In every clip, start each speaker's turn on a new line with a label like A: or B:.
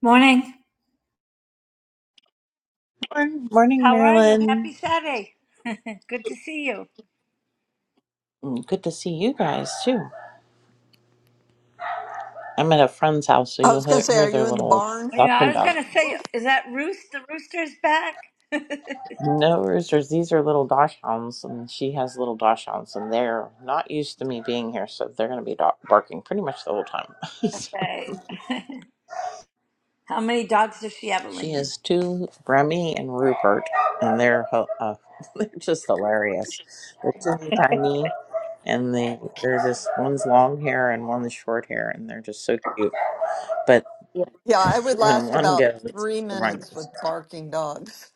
A: Morning.
B: Morning, morning,
A: How are you?
B: Marilyn.
A: Happy Saturday. Good to see you.
B: Mm, Good to see you guys too. I'm at a friend's house, so
C: I was
B: you'll
C: going to
B: hear,
C: say,
B: hear
C: are you
B: their
C: in the
B: little
C: barn?
A: Well, You know,
B: ducks and
A: I was
B: dogs.
A: going to say, is that Roost? The rooster's back?
B: No roosters. These are little dachshunds, and she has little dachshunds, and they're not used to me being here, so they're going to be do- barking pretty much the whole time. so
A: okay. How many dogs does she have,
B: she
A: Elaine?
B: has two, Remy and Rupert, and they're ho- uh, they're just hilarious. They're teeny tiny, and they they're just one's long hair and one's short hair, and they're just so cute
A: Yeah.
C: Yeah, I would
B: When
C: last
B: one
C: about
B: goes, the
C: three
B: other one
C: minutes
B: goes.
C: with barking dogs.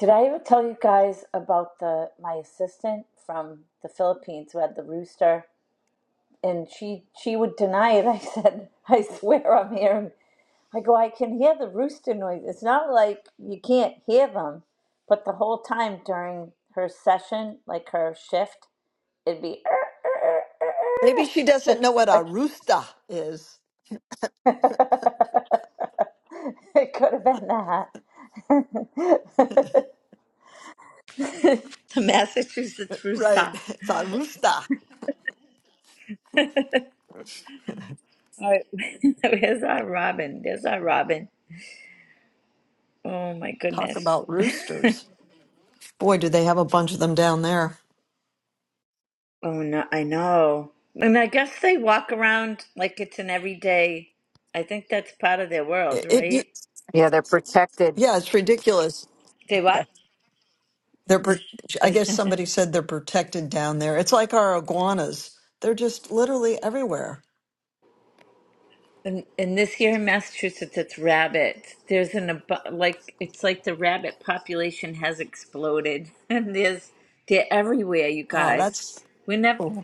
A: Did I ever tell you guys about the my assistant from the Philippines who had the rooster? And she she would deny it. I said, I swear I'm hearing. I go, I can hear the rooster noise. It's not like you can't hear them, but the whole time during her session, like her shift, it'd be
C: Maybe she doesn't know
A: it's
C: what a
A: like
C: rooster is.
A: it could have been that the massachusetts
C: Right.
A: rooster
C: It's a rooster.
A: All right. where's our robin there's our robin oh my
C: Talk
A: goodness
C: about roosters. Boy, do they have a bunch of them down there.
A: oh no i know and i guess they walk around like it's an everyday i think that's part of their world
C: It, it you-
A: right
D: Yeah, they're protected.
C: yeah, it's ridiculous.
A: they what
C: They're, pro- I guess somebody said they're protected down there. It's like our iguanas. They're just literally everywhere.
A: And, and this year in Massachusetts, it's rabbits. There's an ab- like it's like the rabbit population has exploded, and there's they're everywhere, you
C: Oh,
A: guys.
C: that's
A: We never,
C: cool.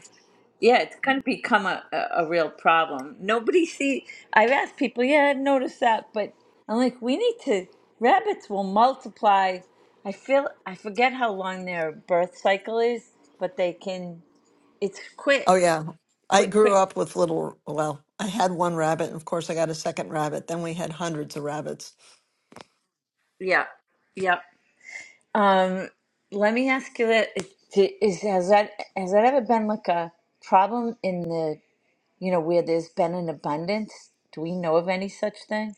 A: yeah, it's gonna become a, a, a real problem. Nobody see. I've asked people, yeah, I noticed that, but I'm like, we need to. Rabbits will multiply. I feel I forget how long their birth cycle is, but they can. It's quick,
C: Oh yeah. I
A: quick,
C: grew
A: quick.
C: up with little, well, I had one rabbit and of course I got a second rabbit. Then we had hundreds of rabbits.
A: Yeah, yeah. Um, let me ask you that: d- is has that has that ever been like a problem in the you know where there's been an abundance? Do we know of any such thing?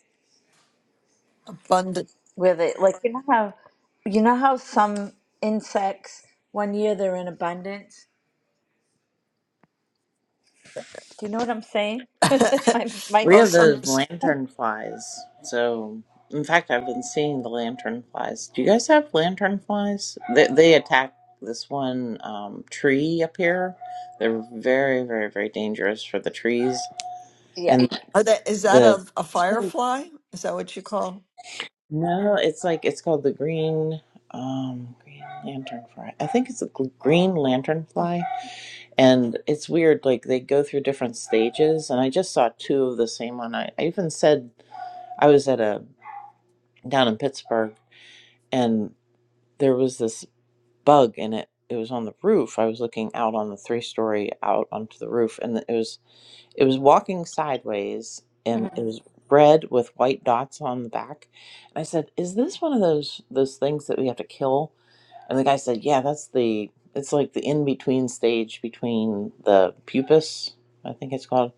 C: Abundant.
A: Where they like you know how you know how some insects one year they're in abundance. Do you know what I'm saying? my my
B: We
C: well,
B: have
C: some
B: those lantern flies. So, in fact, I've been seeing the lantern flies. Do you guys have lantern flies? They, they attack this one um, tree up here. They're very, very, very dangerous for the trees.
A: yeah.
B: And
C: are that is that
B: the
C: a, a firefly? Is that what you call?
B: no, it's like it's called the green um green lantern fly. I think it's a gl- green lantern
C: Huh.
B: fly. And it's weird, like they go through different stages. And I just saw two of the same one. I, I even said I was at a down in Pittsburgh and there was this bug and it. It was on the roof. I was looking out on the three story out onto the roof and it was it was walking sideways and it
A: Mhm.
B: was red with white dots on the back. And I said, Is this one of those those things that we have to kill? And the guy said, Yeah, that's the it's like the in between stage between the pupus, I think it's called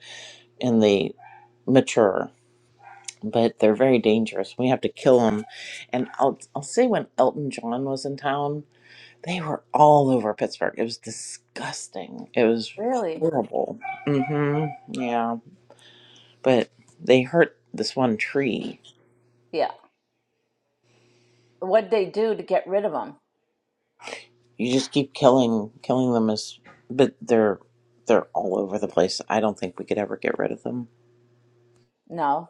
B: and they mature, but they're very dangerous. We have to kill them. And I'll I'll say when Elton John was in town, they were all over Pittsburgh. It was disgusting. It was
A: Really?
B: horrible. Mm-hmm. Yeah, but they hurt this one tree.
A: Yeah. What'd they do to get rid of them?
B: You just keep killing killing them as, but they're they're all over the place. I don't think we could ever get rid of them.
A: No.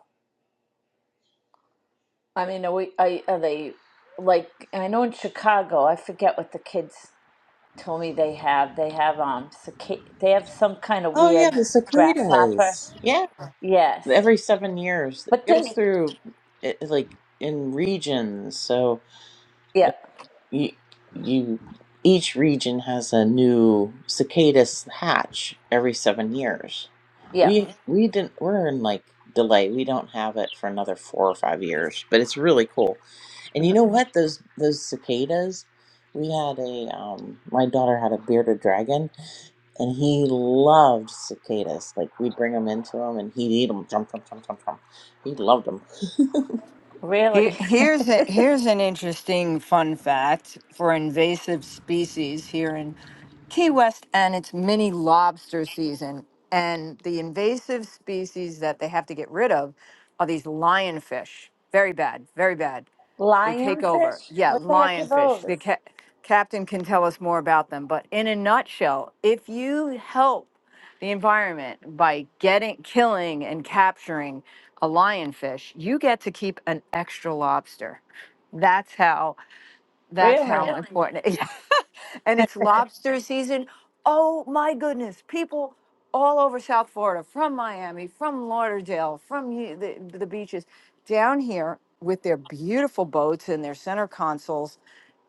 A: I mean, are we, are, are they like, I know in Chicago, I forget what the kids told me they have they have um cica- they have some kind of
B: Oh yeah,
A: weird
B: the
A: grasshopper.
B: cicadas. Yeah.
A: Yes,
B: every seven years
A: but
B: it goes
A: this
B: through it, like in regions so
A: yeah
B: like you, you each region has a new cicadas hatch every seven years
A: yeah
B: we we didn't we're in like delay we don't have it for another four or five years but it's really cool and you
A: mhm.
B: know what those those cicadas we had a um my daughter had a bearded dragon and he loved cicadas. Like we'd bring them into him, and he'd eat them. Jump, jump, jump, jump, jump. He loved them.
D: Here,
A: really
D: here's a, here's an interesting fun fact for invasive species here in Key West, and it's mini lobster season. And the invasive species that they have to get rid of are these lionfish. Very bad, very bad. They take over.
A: lionfish.
D: Yeah,
A: What the heck are
D: lionfish.
A: those?
D: The ca- captain can tell us more about them. But in a nutshell, if you help the environment by getting killing and capturing a lionfish you get to keep an extra lobster that's how that's how
A: Really?
D: Really? important it- and it's lobster season oh my goodness people all over south florida from miami from lauderdale from y- the, the beaches down here with their beautiful boats and their center consoles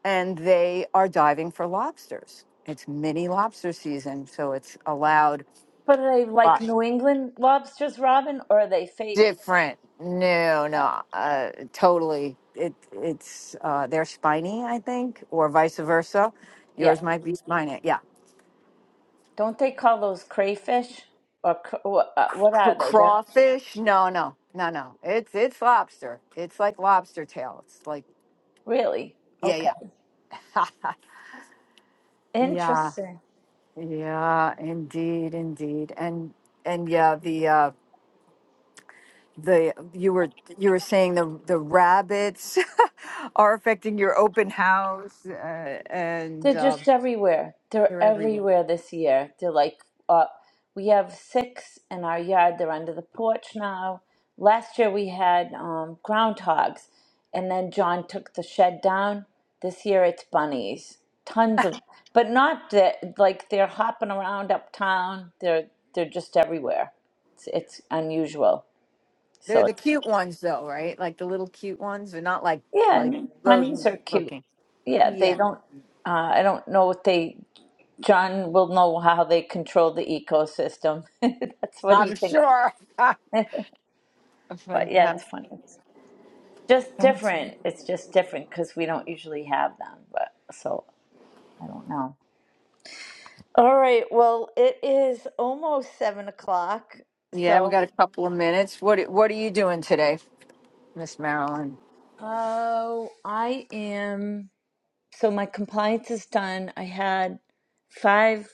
D: and they are diving for lobsters it's mini lobster season so it's allowed
A: But are they like New England lobsters, Robin, or are they fake?
D: different. No,
A: Oh,
D: no, uh, totally. It it's uh, they're spiny, I think, or vice versa.
A: Yeah,
D: Yours might be spiny. Yeah,
A: don't they call those crayfish or cr- wha- uh, what
D: C-
A: are they? They're
D: crawfish. No, no, no, no. It's it's lobster. It's like lobster tail. It's like
A: really
D: yeah,
A: okay.
D: yeah, yeah,
A: Interesting.
D: yeah. Indeed, indeed, and and yeah, the. Uh, the you were you were saying the the rabbits are affecting your open house uh, and
A: They're
D: um,
A: just everywhere. They're
D: they're everywhere.
A: everywhere this year. They're like, uh, we have six in our yard. They're under the porch now. Last year we had um, groundhogs, and then John took the shed down. This year it's bunnies, tons of, but not that like they're hopping around uptown. They're they're just everywhere. It's, it's unusual.
D: They're
A: So
D: the
A: it's,
D: cute ones, though, right? Like the little cute ones. They're not like
A: yeah, I
D: like
A: mean, bunnies
D: rodent
A: are cute.
D: looking.
A: Yeah, they
D: Yeah,
A: don't. Uh, I don't know what they John will know how they control the ecosystem. That's what he
D: I'm
A: thinks.
D: sure.
A: But yeah, it's
D: Fantastic.
A: funny. It's just different. It's just different because we don't usually have them. But so I don't know. All right. Well, it is almost seven o'clock.
D: Yeah, we got
A: So
D: a couple of minutes. What are- What are you doing today, Miss Marilyn?
A: oh, I am. So my compliance is done. I had five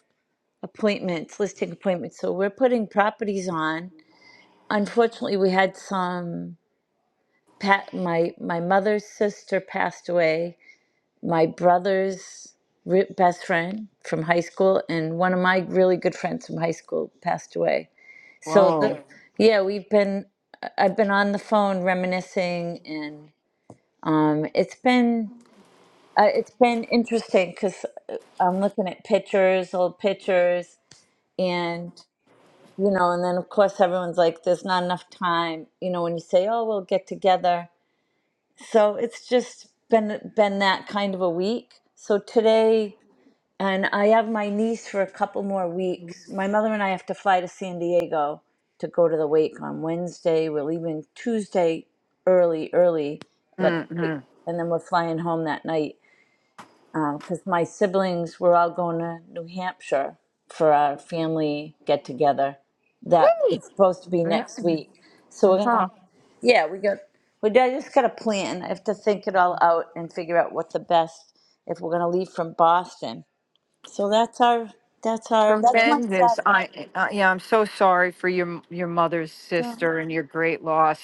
A: appointments, listing appointments. So we're putting properties on. Unfortunately, we had some Pat, my my mother's sister passed away. My brother's re- best friend from high school, and one of my really good friends from high school passed away. So, the,
D: Whoa.
A: Mhm. yeah, we've been. I- I've been on the phone reminiscing, and um, it's been uh, it's been interesting because I'm looking at pictures, old pictures, and you know, and then of course everyone's like, "There's not enough time." You know, when you say, "Oh, we'll get together," so it's just been been that kind of a week so today and i have my niece for a couple more weeks my mother and i have to fly to san diego to go to the wake on wednesday we're leaving tuesday early early but
D: Mm-hmm.
A: and then we're flying home that night because my siblings were all going to New Hampshire for our family get together. That
D: Whee!
A: it's supposed to be
D: Yeah.
A: next week, so we're gonna.
D: Uh-huh.
A: Yeah, we got. We I just got to plan. I have to think it all out and figure out what the best if we're gonna leave from Boston. So that's our. That's our. That's my
D: Tremendous.
A: Saturday.
D: I uh, yeah, I'm so sorry for your your mother's
A: So,
D: sister and your great loss.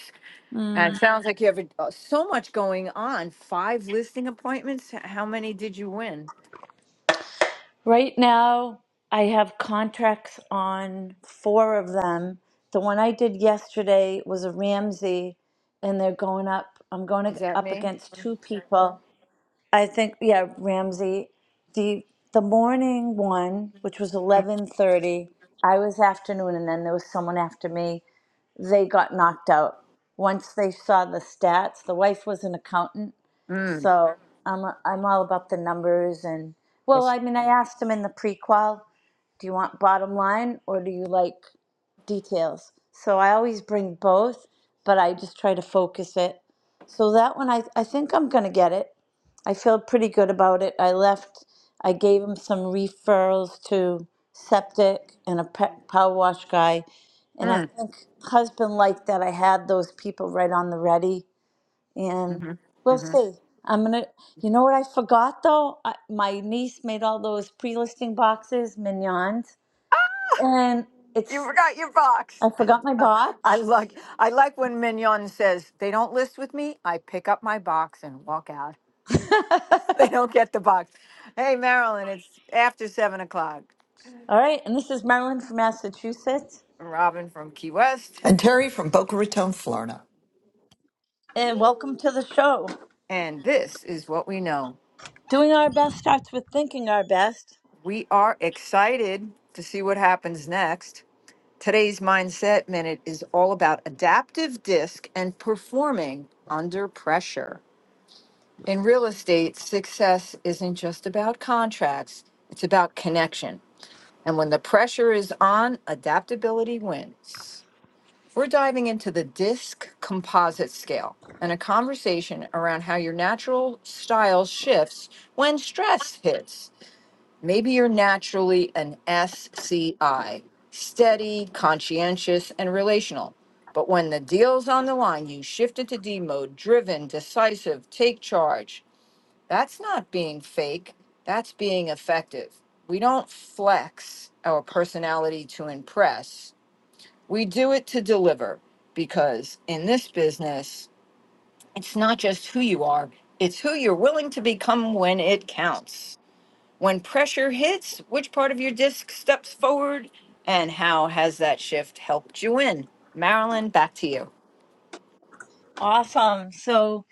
A: mm.
D: And it sounds like you have a, uh, so much going on. Five listing appointments. H- How many did you win?
A: Right now, I have contracts on four of them. The one I did yesterday was a Ramsey, and they're going up. I'm going
D: Is
A: ag-
D: that
A: up
D: me?
A: against two people. I think, yeah, Ramsey. The the morning one, which was 11:30, I was afternoon, and then there was someone after me. They got knocked out. Once they saw the stats, the wife was an accountant
D: Mm.
A: so I'm I'm all about the numbers and well,
D: Yes.
A: I mean, I asked him in the prequel, do you want bottom line or do you like details? So I always bring both, but I just try to focus it. So that one, I I think I'm gonna get it. I feel pretty good about it. I left, I gave him some referrals to septic and a pet power wash guy, and I
D: Mm.
A: think husband liked that I had those people right on the ready. And
D: hmm
A: we'll
D: hmm
A: see. I'm gonna, you know what I forgot though? I, my niece made all those pre-listing boxes, mignons, and
D: You
A: it's,
D: forgot your box.
A: I forgot my
D: I
A: box.
D: like I like when Mignon says they don't list with me. I pick up my box and walk out. They don't get the box. Hey Marilyn, it's after seven o'clock.
A: All right, and this is Marilyn from Massachusetts,
D: Robin from Key West,
C: And Terry from Boca Raton, Florida.
A: and welcome to the show.
D: and this is what we know.
A: Doing our best starts with thinking our best.
D: We are excited to see what happens next. Today's mindset minute is all about adaptive disc and performing under pressure. In real estate, success isn't just about contracts, it's about connection. And when the pressure is on, adaptability wins. We're diving into the DISC composite scale and a conversation around how your natural style shifts when stress hits. Maybe you're naturally an SCI, steady, conscientious, and relational. But when the deal's on the line, you shift into D mode, driven, decisive, take charge. That's not being fake. That's being effective. We don't flex our personality to impress. We do it to deliver because in this business, it's not just who you are, it's who you're willing to become when it counts. When pressure hits, which part of your disc steps forward and how has that shift helped you win? Marilyn, back to you.
A: Awesome. So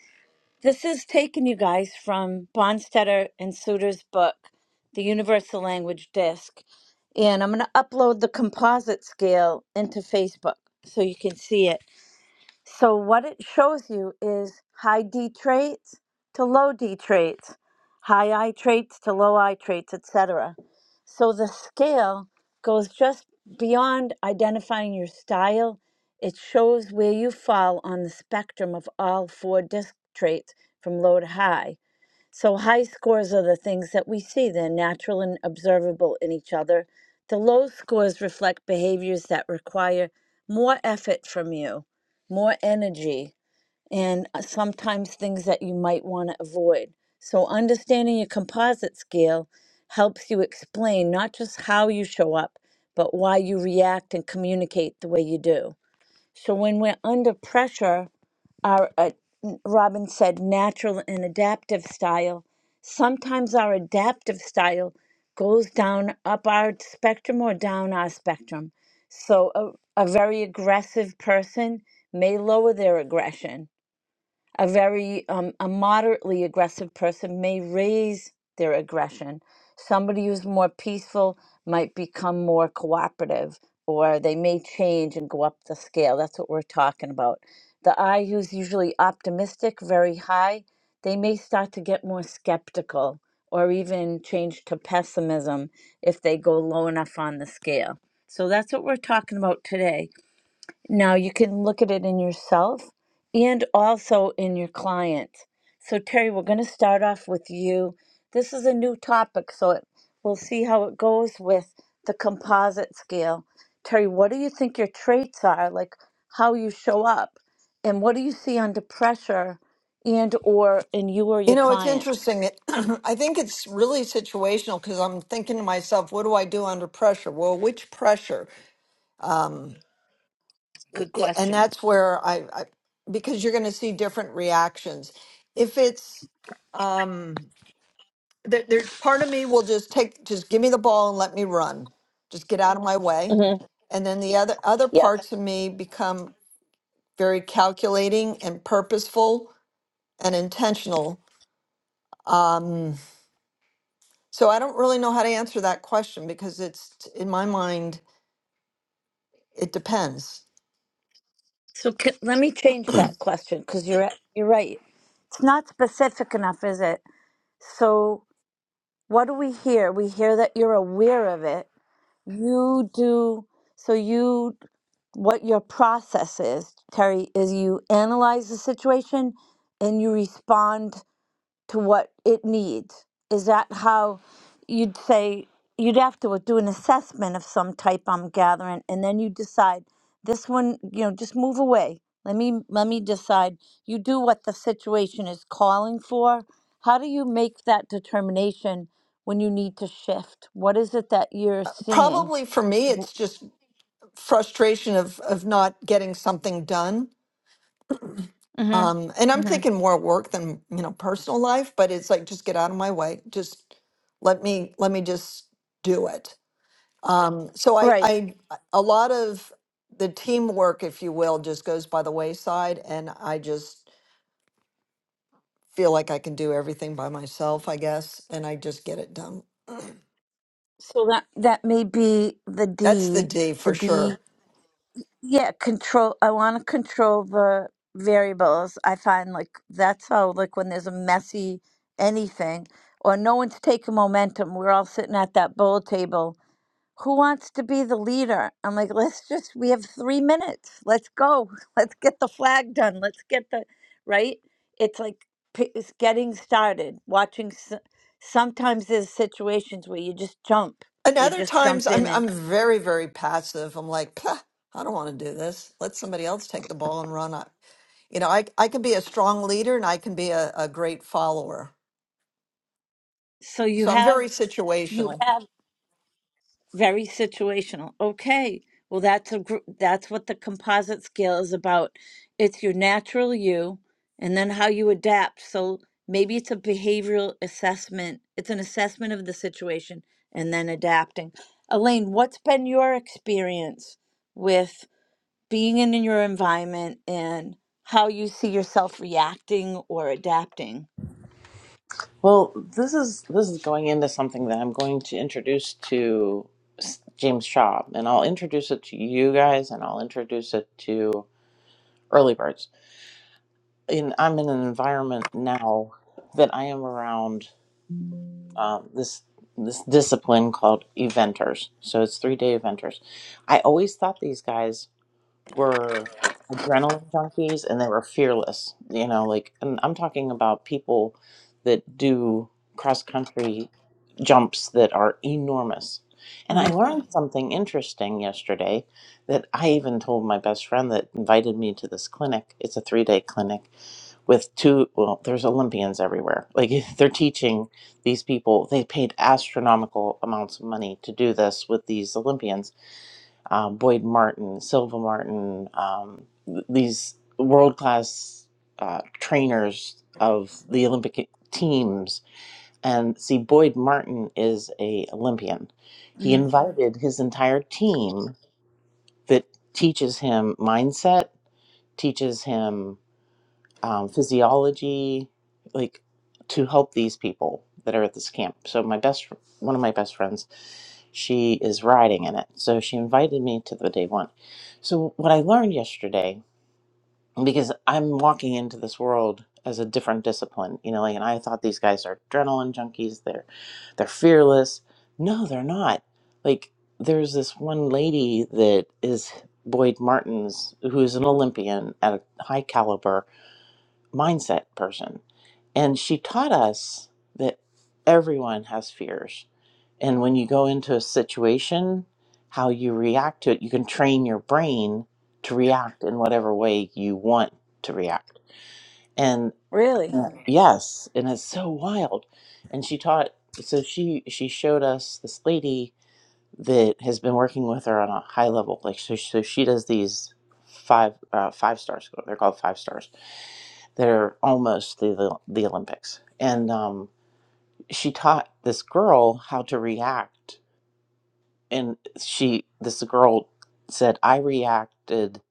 A: This is taken, you guys, from Bonstetter and Suter's book, The Universal Language Disc. And I'm going to upload the composite scale into Facebook so you can see it. So, what it shows you is high D traits to low D traits, high I traits to low I traits, etc. So the scale goes just beyond identifying your style. It shows where you fall on the spectrum of all four disc traits from low to high. So high scores are the things that we see, they're natural and observable in each other. The low scores reflect behaviors that require more effort from you, more energy and uh, sometimes things that you might want to avoid. So, understanding your composite scale helps you explain not just how you show up, but why you react and communicate the way you do. So, when we're under pressure, our uh, n- Robin said natural and adaptive style. Sometimes our adaptive style goes down up our spectrum or down our spectrum. So, a, a very aggressive person may lower their aggression a very um, a moderately aggressive person may raise their aggression somebody who's more peaceful might become more cooperative or they may change and go up the scale that's what we're talking about the I who's usually optimistic very high they may start to get more skeptical or even change to pessimism if they go low enough on the scale so that's what we're talking about today now you can look at it in yourself and also in your client. So, Terry, we're going to start off with you. This is a new topic, so it, we'll see how it goes with the composite scale. Terry, what do you think your traits are, like how you show up, and what do you see under pressure and or in you or
C: You
A: your
C: know, it's
A: clients?
C: interesting. It, I think it's really situational because I'm thinking to myself, what do I do under pressure? Well, which pressure? Um, I-
A: Good
C: I- and
A: question.
C: that's where I, I because you're going to see different reactions. If it's um, there, there, part of me will just take, just give me the ball and let me run, just get out of my way,
A: hmm
C: and then the other other
A: Yep.
C: parts of me become very calculating and purposeful and intentional. Um, so I don't really know how to answer that question because it's in my mind it depends.
A: So c let me change that question because you're you're right. It's not specific enough, is it? So what do we hear? We hear that you're aware of it. You do, so you, what your process is, Terry, is you analyze the situation and you respond to what it needs. Is that how you'd say you'd have to do an assessment of some type I'm gathering and then you decide this one, you know, just move away. Let me let me decide. You do what the situation is calling for. How do you make that determination when you need to shift? What is it that you're seeing?
C: Probably for me, it's just frustration of of not getting something done. Um, and
A: Mm-hmm.
C: I'm
A: Mm-hmm.
C: thinking more work than you know personal life, but it's like just get out of my way. Just let me let me just do it. Um, so I
A: Right.
C: I a lot of the teamwork, if you will, just goes by the wayside, and I just feel like I can do everything by myself, I guess, and I just get it done.
A: So that that may be the
C: That's the
A: D,
C: D
A: the
C: for sure.
A: D Yeah, control. I want to control the variables. I find like that's how like when there's a messy anything or no one's taking momentum, we're all sitting at that bowl table. Who wants to be the leader? I'm like, let's just we have 3 minutes. Let's go. Let's get the flag done. Let's get the right? It's like p- it's getting started. Watching s- sometimes there's situations where you just jump.
C: And
A: You
C: other
A: just
C: times
A: jump
C: I'm
A: in and
C: I'm very, very passive. I'm like, "Pah, I don't want to do this. Let somebody else take the ball and run. I, you know, I I can be a strong leader and I can be a, a great follower.
A: so you
C: So I'm
A: have
C: very
A: you
C: situational.
A: have very situational. Okay, well that's a gr- that's what the composite scale is about. It's your natural you, and then how you adapt. So maybe it's a behavioral assessment. It's an assessment of the situation and then adapting. Elaine, what's been your experience with being in your environment and how you see yourself reacting or adapting?
B: Well, this is this is going into something that I'm going to introduce to S- James Shaw, and I'll introduce it to you guys, and I'll introduce it to early birds. And I'm in an environment now that I am around um, this this discipline called eventers. So it's three day eventers. I always thought these guys were adrenaline junkies and they were fearless you know like and i'm talking about people that do cross country jumps that are enormous and i learned something interesting yesterday that i even told my best friend that invited me to this clinic it's a three day clinic with two well there's olympians everywhere like they're teaching these people they paid astronomical amounts of money to do this with these olympians um, Boyd Martin, Silva Martin, um, these world class uh, trainers of the Olympic teams. And see, Boyd Martin is a Olympian. He
A: Mm-hmm.
B: invited his entire team that teaches him mindset, teaches him um, physiology, like to help these people that are at this camp. So my best, one of my best friends, she is riding in it. So she invited me to the day one. So what I learned yesterday, because I'm walking into this world as a different discipline, you know, like, and I thought these guys are adrenaline junkies. They're, they're fearless. No, they're not. Like there's this one lady that is Boyd Martins, who is an Olympian at a high caliber, mindset person. And she taught us that everyone has fears. And when you go into a situation, how you react to it, you can train your brain to react in whatever way you want to react. And
A: Really?
B: Yeah. yes, and it's so wild. And she taught so she she showed us this lady that has been working with her on a high level like so, so she does these five uh, five star school they're called five stars they're almost the the, Olympics, and um, she taught this girl how to react. And she, this girl, said, "I reacted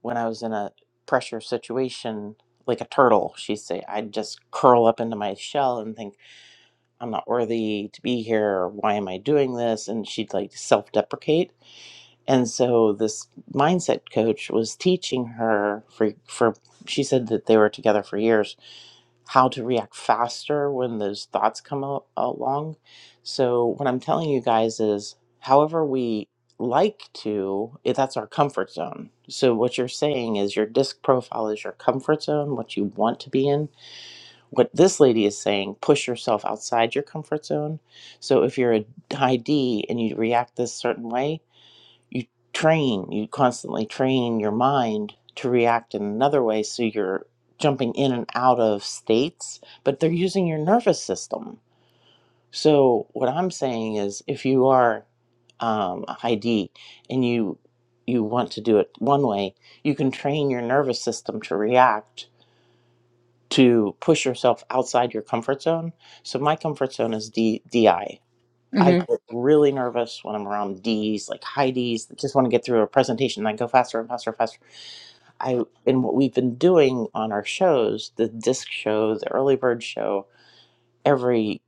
B: when I was in a pressure situation like a turtle." She would say, "I'd just curl up into my shell and think I'm not worthy to be here. Why am I doing this?" And she'd like self-deprecate. And so this mindset coach was teaching her for for she said that they were together for years how to react faster when those thoughts come a- along. So, what I'm telling you guys is, however, we like to, if that's our comfort zone. So, what you're saying is your disc profile is your comfort zone, what you want to be in. What this lady is saying, push yourself outside your comfort zone. So, if you're a high D and you react this certain way, you train you constantly train your mind to react in another way so you're jumping in and out of states but they're using your nervous system so what i'm saying is if you are um, a high D and you you want to do it one way you can train your nervous system to react to push yourself outside your comfort zone so my comfort zone is D, di I get really nervous when I'm around D's, like high D's, that just want to get through a presentation and I go faster and faster and faster. I and what we've been doing on our shows, the disc show, the early bird show, every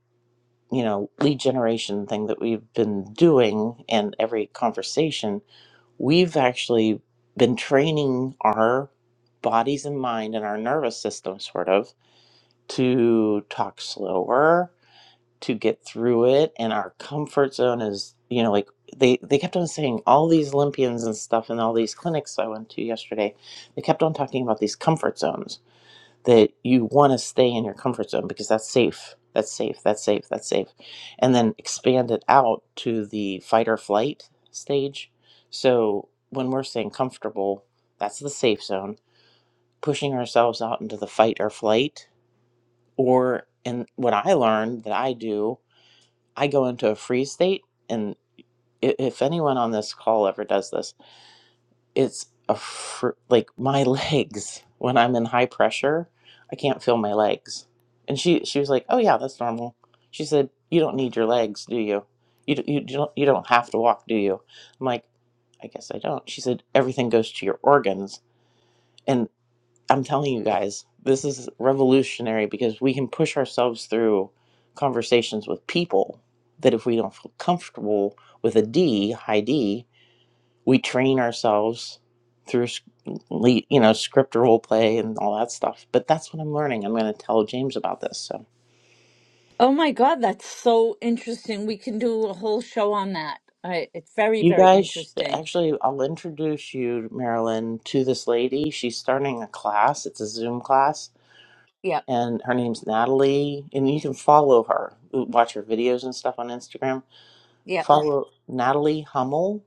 B: you know lead generation thing that we've been doing, and every conversation, we've actually been training our bodies and mind and our nervous system sort of to talk slower to get through it and our comfort zone is you know like they they kept on saying all these olympians and stuff and all these clinics i went to yesterday they kept on talking about these comfort zones that you want to stay in your comfort zone because that's safe that's safe that's safe that's safe and then expand it out to the fight or flight stage so when we're saying comfortable that's the safe zone pushing ourselves out into the fight or flight or and what i learned that i do I go into a freeze state, and if anyone on this call ever does this, it's a fr- like my legs when I'm in high pressure, I can't feel my legs. And she she was like, "Oh yeah, that's normal." She said, "You don't need your legs, do you? You d- you don't you don't have to walk, do you?" I'm like, "I guess I don't." She said, "Everything goes to your organs." and I'm telling you guys, this is revolutionary because we can push ourselves through conversations with people that if we don't feel comfortable with a D, high D, we train ourselves through you know script role play and all that stuff. But that's what I'm learning. I'm going to tell James about this. So
A: Oh my God, that's so interesting. We can do a whole show on that. I, it's very,
B: you
A: very
B: guys sh-
A: interesting.
B: actually I'll introduce you Marilyn to this lady. She's starting a class. It's a Zoom class
A: Yep,
B: and her name's Natalie. And you can follow her, watch her videos and stuff on Instagram.
A: yep.
B: Follow Natalie Hummel,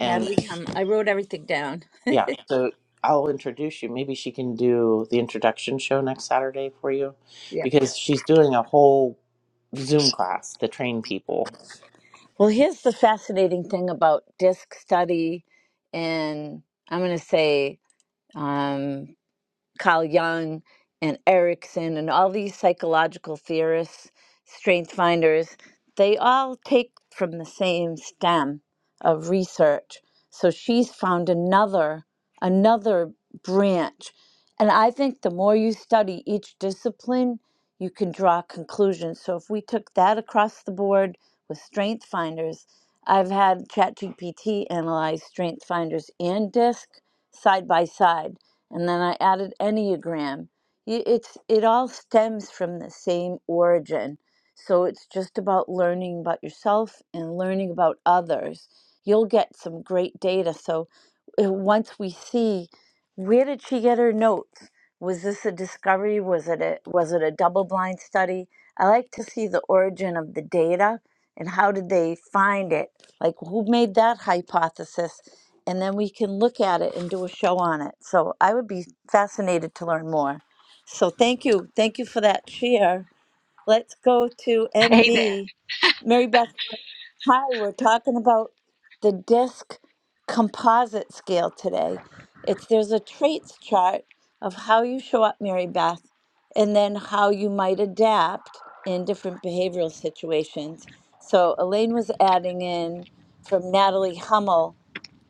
B: and
A: Natalie, um, I wrote everything down.
B: yeah. So I'll introduce you. Maybe she can do the introduction show next Saturday for you,
A: Yep.
B: because she's doing a whole Zoom class to train people.
A: Well, here's the fascinating thing about disc study, and I'm going to say, um, Carl Jung and Erickson and all these psychological theorists, strength finders, they all take from the same stem of research. So she's found another another branch. And I think the more you study each discipline, you can draw conclusions. So if we took that across the board with strength finders, I've had ChatGPT analyze strength finders and disc side by side and then I added Enneagram. Y- It's it all stems from the same origin. So it's just about learning about yourself and learning about others. You'll get some great data. So uh, once we see where did she get her notes? Was this a discovery? Was it a was it a double blind study? I like to see the origin of the data and how did they find it? Like who made that hypothesis? and then we can look at it and do a show on it. So I would be fascinated to learn more. So thank you. Thank you for that share. Let's go to
E: Hey there.
A: MB. Mary Beth, hi, we're talking about the disc composite scale today. It's there's a traits chart of how you show up, Mary Beth, and then how you might adapt in different behavioral situations. So Elaine was adding in from Natalie Hummel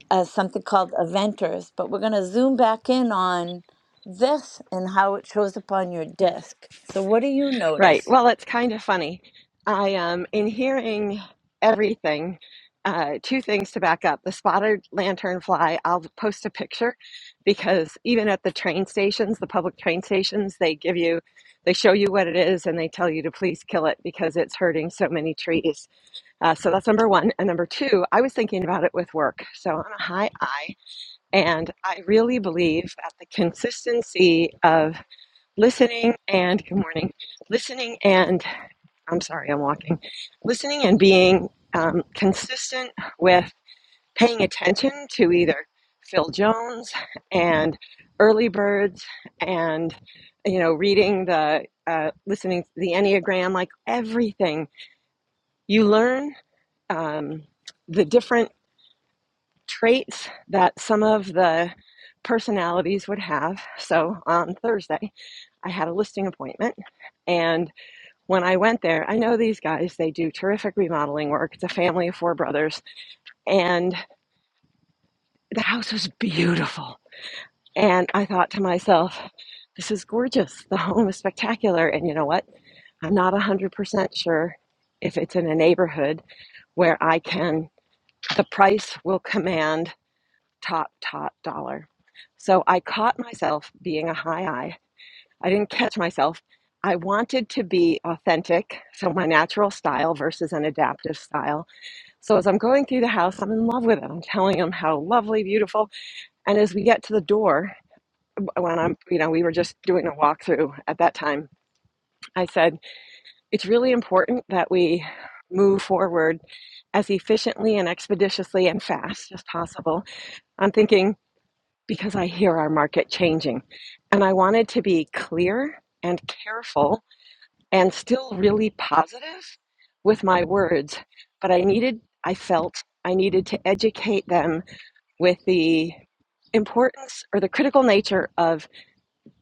A: as something called eventers, but we're going to zoom back in on this and how it shows up on your disk. So, what do you
E: Right.
A: notice?
E: Well, it's kind of funny. I am um, in hearing everything. Uh, two things to back up. The spotted lanternfly, I'll post a picture because even at the train stations, the public train stations, they give you, they show you what it is and they tell you to please kill it because it's hurting so many trees. Uh, so that's number one. And number two, I was thinking about it with work. So I'm a high I, and I really believe that the consistency of listening and good morning listening and i'm sorry i'm walking listening and being um, consistent with paying attention to either phil jones and early birds and you know reading the uh, listening to the enneagram like everything you learn um, the different traits that some of the personalities would have so on thursday i had a listing appointment and when I went there, I know these guys, they do terrific remodeling work. It's a family of four brothers, and the house was beautiful. And I thought to myself, this is gorgeous. The home is spectacular. And you know what? I'm not 100% sure if it's in a neighborhood where I can, the price will command top, top dollar. So I caught myself being a high eye. I didn't catch myself. I wanted to be authentic, so my natural style versus an adaptive style So as I'm going through the house, I'm in love with it. I'm telling him how lovely, beautiful. And as we get to the door, when I'm, you know, we were just doing a walkthrough at that time, I said, it's really important that we move forward as efficiently and expeditiously and fast as possible. I'm thinking, because I hear our market changing. And I wanted to be clear and careful and still really positive with my words, but I needed, I felt I needed to educate them with the importance or the critical nature of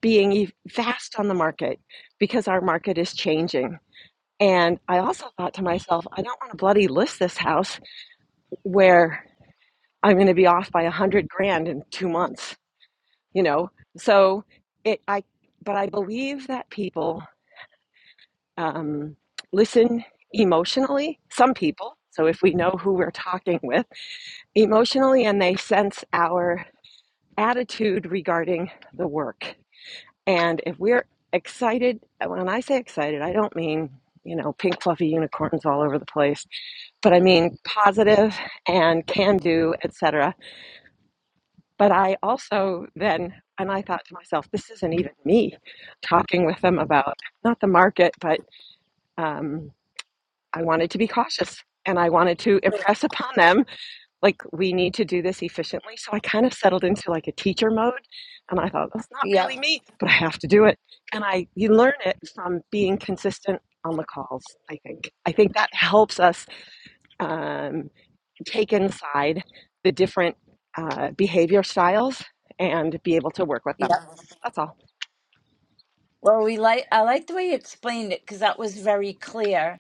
E: being e- fast on the market because our market is changing. And I also thought to myself, I don't want to bloody list this house where I'm going to be off by a hundred grand in two months, you know? So it, I, but I believe that people um, listen emotionally, some people. So if we know who we're talking with emotionally and they sense our attitude regarding the work And if we're excited, uh, when I say excited, I don't mean, you know, pink fluffy unicorns all over the place, but I mean positive and can do, etc. But I also then and I thought to myself, this isn't even me talking with them about not the market, but um, I wanted to be cautious and I wanted to impress upon them like we need to do this efficiently. So I kind of settled into like a teacher mode and I thought that's not
A: Yep,
E: really me, but I have to do it. And I you learn it from being consistent on the calls, I think. I think that helps us um, take inside the different uh, behavior styles and be able to work with them.
A: yep.
E: That's all.
A: Well, we like I like the way you explained it because that was very clear.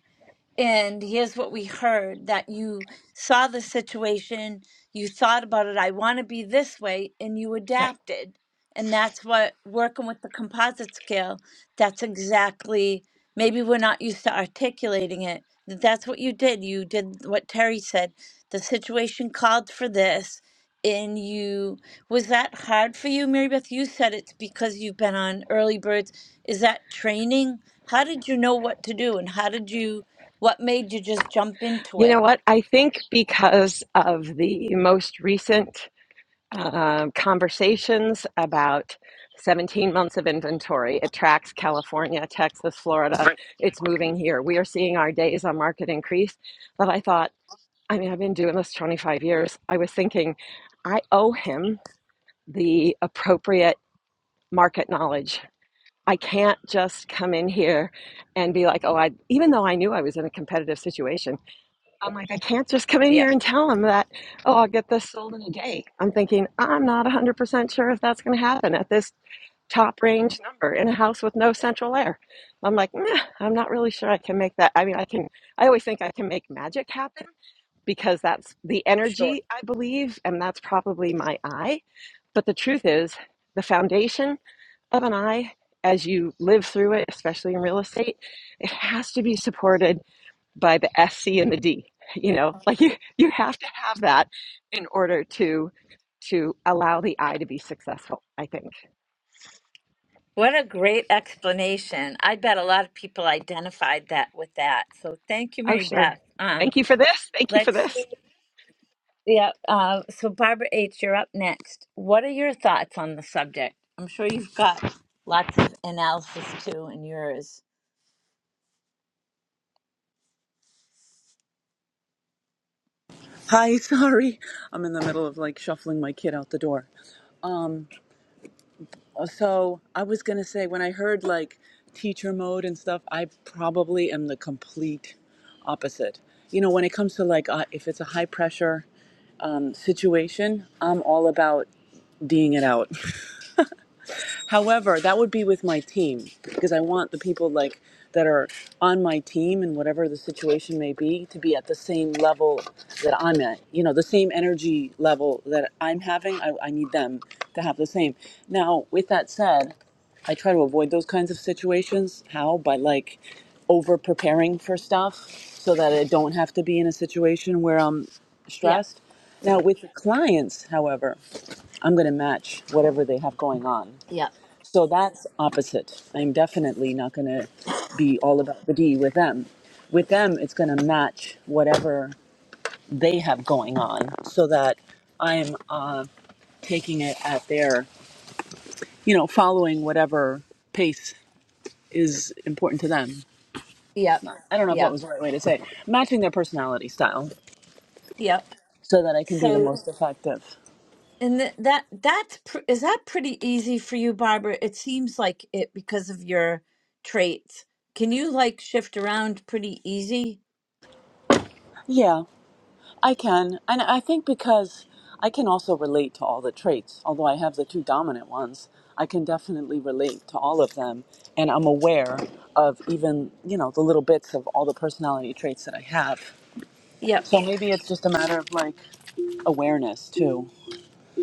A: and here's what we heard that you saw the situation, you thought about it, I want to be this way, and you
E: Right.
A: adapted. And that's what working with the composite scale, that's exactly, maybe we're not used to articulating it. that That's what you did. You did what Terry said. The situation called for this. And you, was that hard for you, Mary Beth? You said it's because you've been on early birds. Is that training? How did you know what to do? And how did you? What made you just jump into
E: You know
A: it?
E: what? I think because of the most recent uh, conversations about 17 months of inventory. It tracks California, Texas, Florida. It's moving here. We are seeing our days on market increase. But I thought, I mean, I've been doing this 25 years. I was thinking, I owe him the appropriate market knowledge. I can't just come in here and be like, oh, I, even though I knew I was in a competitive situation, I'm like, I can't just come in
A: Yeah,
E: here and tell them that, oh, I'll get this sold in a day. I'm thinking, I'm not 100% sure if that's going to happen at this top range number in a house with no central air. I'm like, nah, I'm not really sure I can make that. I mean, I can, I always think I can make magic happen because that's the
A: sure.
E: energy I believe, and that's probably my eye. But the truth is, the foundation of an eye, as you live through it, especially in real estate, it has to be supported by the S, C, and the D. You know, like you, you have to have that in order to to allow the I to be successful, I think.
A: What a great explanation. I bet a lot of people identified that with that. So thank you,
E: Oh,
A: Mary
E: sure.
A: Beth. Um,
E: Thank you for this. Thank you for
A: let's
E: this.
A: see. Yeah, uh, so Barbara H., you're up next. What are your thoughts on the subject? I'm sure you've got lots of analysis too in yours.
F: Hi, sorry. I'm in the middle of like shuffling my kid out the door. Uh, So, I was going to say when I heard like teacher mode and stuff, I probably am the complete opposite. You know, when it comes to like uh, if it's a high pressure um, situation, I'm all about D'ing it out. However, that would be with my team because I want the people like that are on my team and whatever the situation may be to be at the same level that I'm at. You know, the same energy level that I'm having. I, I need them to have the same. Now, with that said, I try to avoid those kinds of situations. How? By like over preparing for stuff so that I don't have to be in a situation where I'm
A: Yep,
F: stressed. Now, with the clients, however, I'm going to match whatever they have going on.
A: yep,
F: So that's opposite. I'm definitely not going to be all about the D with them. With them, it's going to match whatever they have going on so that I'm uh, taking it at their, you know, following whatever pace is important to them.
A: yep,
F: I don't know if that
A: yep,
F: was the right way to say it. Matching their personality style
A: yep.
F: so that I can be the
A: So
F: most effective.
A: And th- that that's pr- is that pretty easy for you, Barbara? It seems like it because of your traits. Can you like shift around pretty easy?
F: Yeah. I can. And I think because I can also relate to all the traits, although I have the two dominant ones, I can definitely relate to all of them. And I'm aware of even, you know, the little bits of all the personality traits that I have.
A: Yep.
F: So maybe it's just a matter of like awareness too.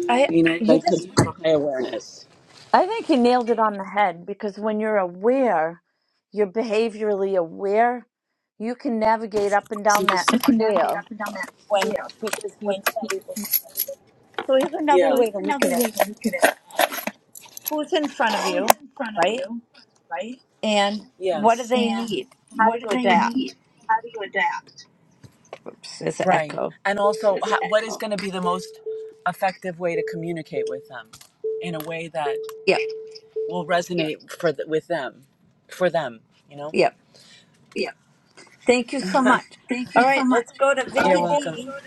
A: I
F: You know, I
A: you just
F: could high awareness.
A: I think you nailed it on the head because when you're aware, you're behaviorally aware, you can navigate up and
F: So
A: down that
F: just you can navigate
A: scale
F: up and down that
A: when
F: scale.
A: because you'd
F: When you,
A: say, well, so here's
F: Yeah.
A: another
F: so here's
A: way to look
F: another
A: at it.
F: way to look at it.
A: Who's in front of
F: Who's
A: you,
F: in front of
A: right?
F: you, right?
A: And what do
F: Yes.
A: they
F: and
A: need? How
F: what
A: do
F: do
A: you
F: they
A: adapt?
F: need? How do you adapt?
A: Oops, there's an
F: Right.
A: echo.
F: And also, Does ho- that what is going to be the most effective way to communicate with them in a way that
A: Yep,
F: will resonate for th- with them, for them, you know?
A: yep.
F: Yeah.
A: Thank you so much.
F: Thank you
A: All
F: so
A: right,
F: much.
A: let's go to
F: All You're Oh,
A: Vicky
F: welcome.
A: D.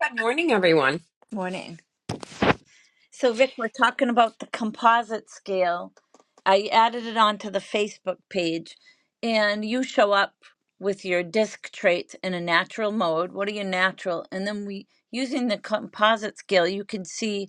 G: Good morning, everyone.
A: Morning. So, Vic, we're talking about the composite scale. I added it onto the Facebook page, and you show up with your disc traits in a natural mode. What are your natural? And then we, using the composite scale, you can see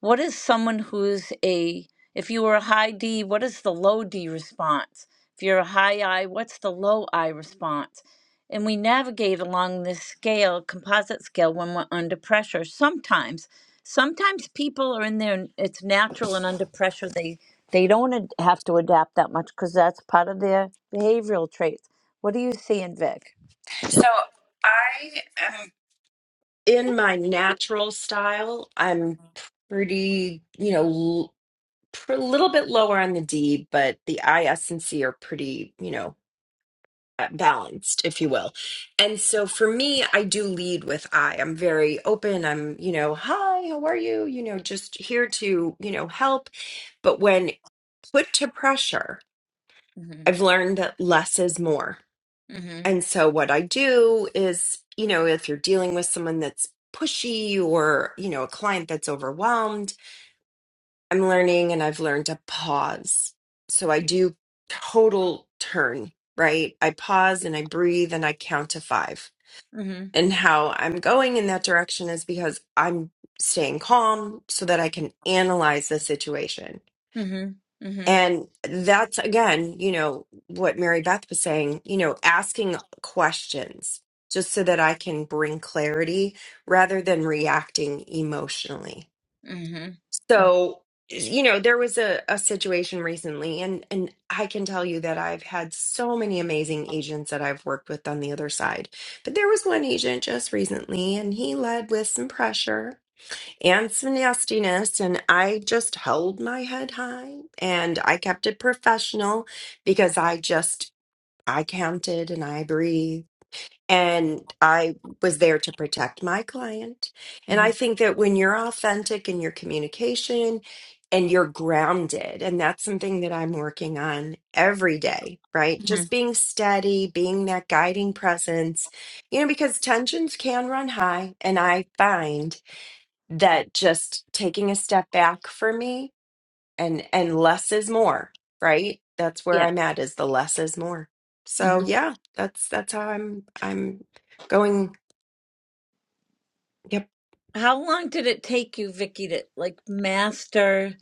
A: What is someone who's a, if you were a high D, what is the low D response? If you're a high I, what's the low I response? And we navigate along this scale, composite scale, when we're under pressure. Sometimes, sometimes people are in there, it's natural and under pressure, they, they don't ad- have to adapt that much because that's part of their behavioral traits. What are you seeing, Vic?
G: So I am in my natural style. I'm pretty, you know, l- pr- a little bit lower on the D, but the I, S, and C are pretty, you know, uh, balanced, if you will. And so for me, I do lead with I. I'm very open. I'm, you know, hi, how are you? You know, just here to, you know, help. But when put to pressure,
A: Mm-hmm.
G: I've learned that less is more
A: Mm-hmm.
G: And so what I do is, you know, if you're dealing with someone that's pushy or, you know, a client that's overwhelmed, I'm learning and I've learned to pause. So I do total turn, right? I pause and I breathe and I count to 5.
A: Mm-hmm.
G: And how I'm going in that direction is because I'm staying calm so that I can analyze the situation
A: Mm-hmm. Mm-hmm.
G: and that's again, you know, what Mary Beth was saying, you know, asking questions just so that I can bring clarity rather than reacting emotionally.
A: Mm-hmm.
G: So, you know, there was a, a situation recently and and I can tell you that I've had so many amazing agents that I've worked with on the other side. But there was one agent just recently and he led with some pressure and some nastiness. And I just held my head high and I kept it professional because I just, I counted and I breathed. And I was there to protect my client. And
A: Mm-hmm.
G: I think that when you're authentic in your communication and you're grounded, and that's something that I'm working on every day, right?
A: Mm-hmm.
G: Just being steady, being that guiding presence, you know, because tensions can run high. And I find that just taking a step back for me and and less is more right that's where i'm
A: Yeah.
G: at is the less is more so yeah that's that's how i'm i'm going yep
A: How long did it take you, Vicky, to like master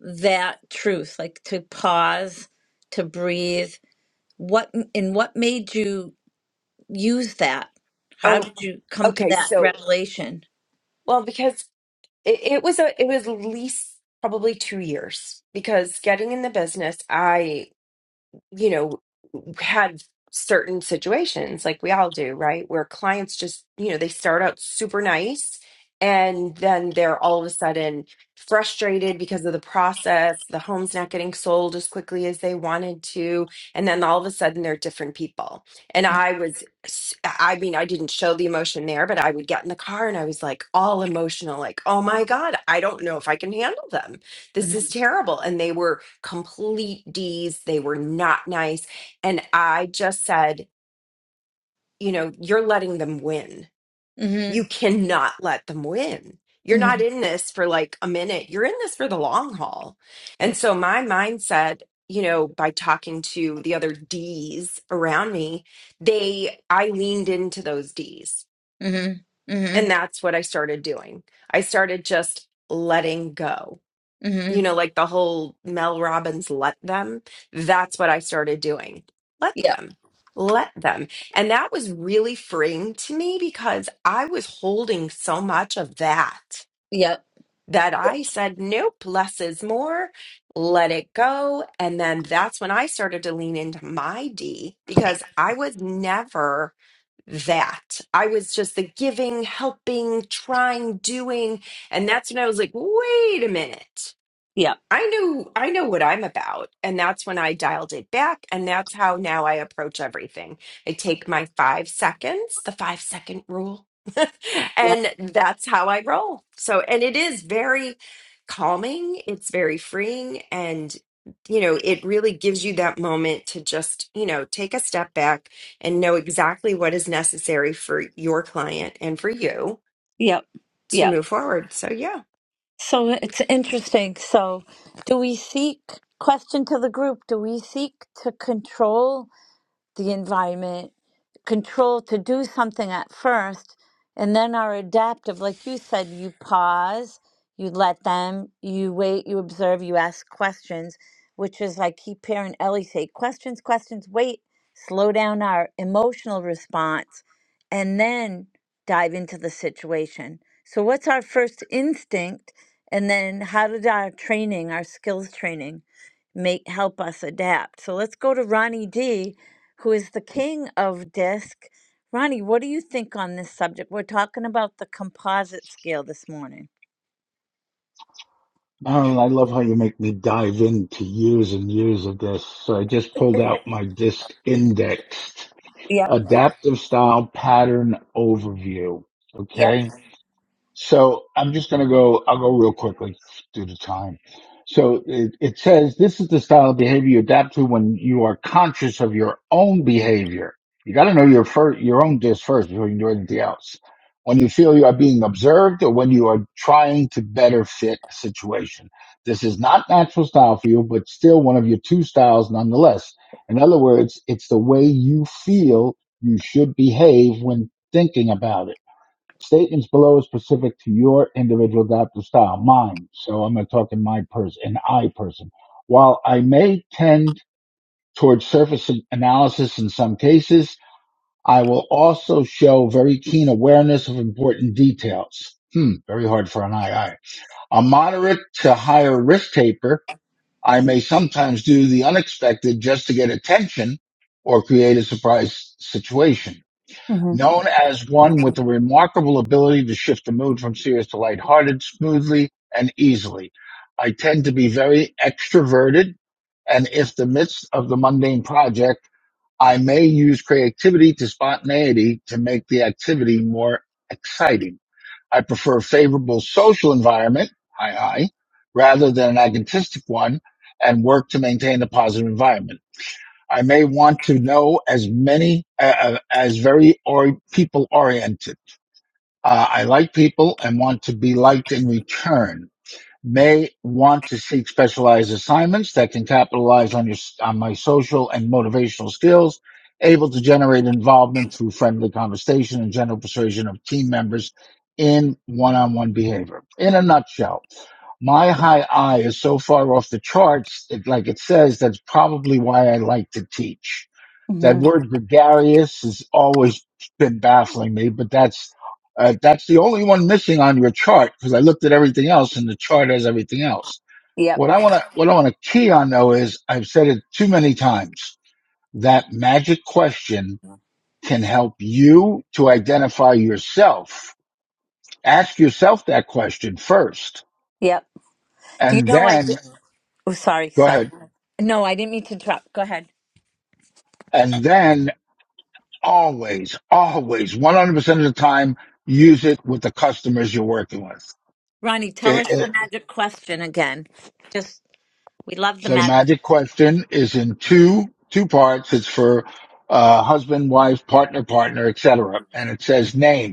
A: that truth, like to pause, to breathe? What and what made you use that? How
G: oh
A: did you come to
G: okay
A: that
G: so
A: revelation?
G: well because it, it was a it was at least probably two years because getting in the business i you know, had certain situations like we all do, right? Where clients just, you know, they start out super nice and then they're all of a sudden frustrated because of the process. The home's not getting sold as quickly as they wanted to. And then all of a sudden they're different people. And I was, s- I mean, I didn't show the emotion there, but I would get in the car and I was like all emotional, like, oh my God, I don't know if I can handle them. This
A: Mm-hmm.
G: is terrible. And they were complete D's. They were not nice. And I just said, you know, you're letting them win. You
A: Mm-hmm.
G: cannot let them win. You're not
A: Mm-hmm.
G: in this for like a minute. You're in this for the long haul. And so my mindset, you know, by talking to the other D's around me, they, I leaned into those D's.
A: Mm-hmm.
G: And that's what I started doing. I started just letting go
A: Mm-hmm.
G: you know, like the whole Mel Robbins let them. That's what I started doing. Let
A: Yep.
G: them. Let them. And that was really freeing to me because I was holding so much of that
A: Yep.
G: that I said, nope, less is more. Let it go. And then that's when I started to lean into my D because I was never that. I was just the giving, helping, trying, doing. And that's when I was like, wait a minute.
A: Yep.
G: I knew I know what I'm about and that's when I dialed it back and that's how now I approach everything. I take my 5 seconds, the 5 second rule.
A: Yep.
G: and that's how I roll. So and it is very calming, it's very freeing and you know, it really gives you that moment to just, you know, take a step back and know exactly what is necessary for your client and for you
A: Yep.
G: to
A: Yep.
G: move forward. So yeah.
A: So it's interesting. So do we seek question to the group? Do we seek to control? the environment, control to do something at first, and then are adaptive. Like you said, you pause, you let them, you wait, you observe, you ask questions, which is I keep hearing Ellie say questions, questions, wait, slow down our emotional response, and then dive into the situation. So, what's our first instinct? And then, how did our training, our skills training, make help us adapt? So let's go to Ronnie D who is the king of disc. Ronnie, what do you think on this subject? We're talking about the composite scale this morning.
H: Marilyn, I love how you make me dive into years and years of this. So I just pulled out my disc indexed
A: Yep.
H: adaptive style pattern overview.
A: Yep.
H: Okay. So I'm just going to go, I'll go real quickly due to time. So it, it says this is the style of behavior you adapt to when you are conscious of your own behavior. You got to know your first, your own dish first before you can do anything else. When you feel you are being observed or when you are trying to better fit a situation. This is not natural style for you, but still one of your two styles nonetheless. In other words, it's the way you feel you should behave when thinking about it. Statements below is specific to your individual adoptive style, mine. So I'm going to talk in my person, an I person. While I may tend towards surface analysis in some cases, I will also show very keen awareness of important details. Hmm, very hard for an I. I. A moderate to higher risk taker, I may sometimes do the unexpected just to get attention or create a surprise situation.
A: hmm
H: Known as one with a remarkable ability to shift the mood from serious to lighthearted smoothly and easily, I tend to be very extroverted, and if the midst of the mundane project, I may use creativity to spontaneity to make the activity more exciting. I prefer a favorable social environment, hi hi, rather than an agonistic one, and work to maintain a positive environment. I may want to know as many uh, uh, as very or people oriented. Uh, I like people and want to be liked in return. May want to seek specialized assignments that can capitalize on your on my social and motivational skills. Able to generate involvement through friendly conversation and general persuasion of team members in one-on-one behavior. In a nutshell, my high I is so far off the charts, it, like it says, that's probably why I like to teach that
A: hmm
H: word gregarious has always been baffling me, but that's uh, that's the only one missing on your chart because I looked at everything else and the chart has everything else.
A: Yep.
H: What I want to what I want to key on though is I've said it too many times that magic question can help you to identify yourself. Ask yourself that question first,
A: Yep. Do you
H: and
A: know I did?
H: then
A: Oh, sorry,
H: go
A: sorry.
H: ahead,
A: No, I didn't mean to interrupt. Go ahead.
H: and then always, always, one hundred percent of the time, use it with the customers you're working with.
A: Ronnie, tell us
H: It-
A: the
H: it-
A: magic question again. Just, we love the
H: so the
A: magic.
H: magic question is in two two parts. It's for uh, husband, wife, partner, partner, etc. And it says name.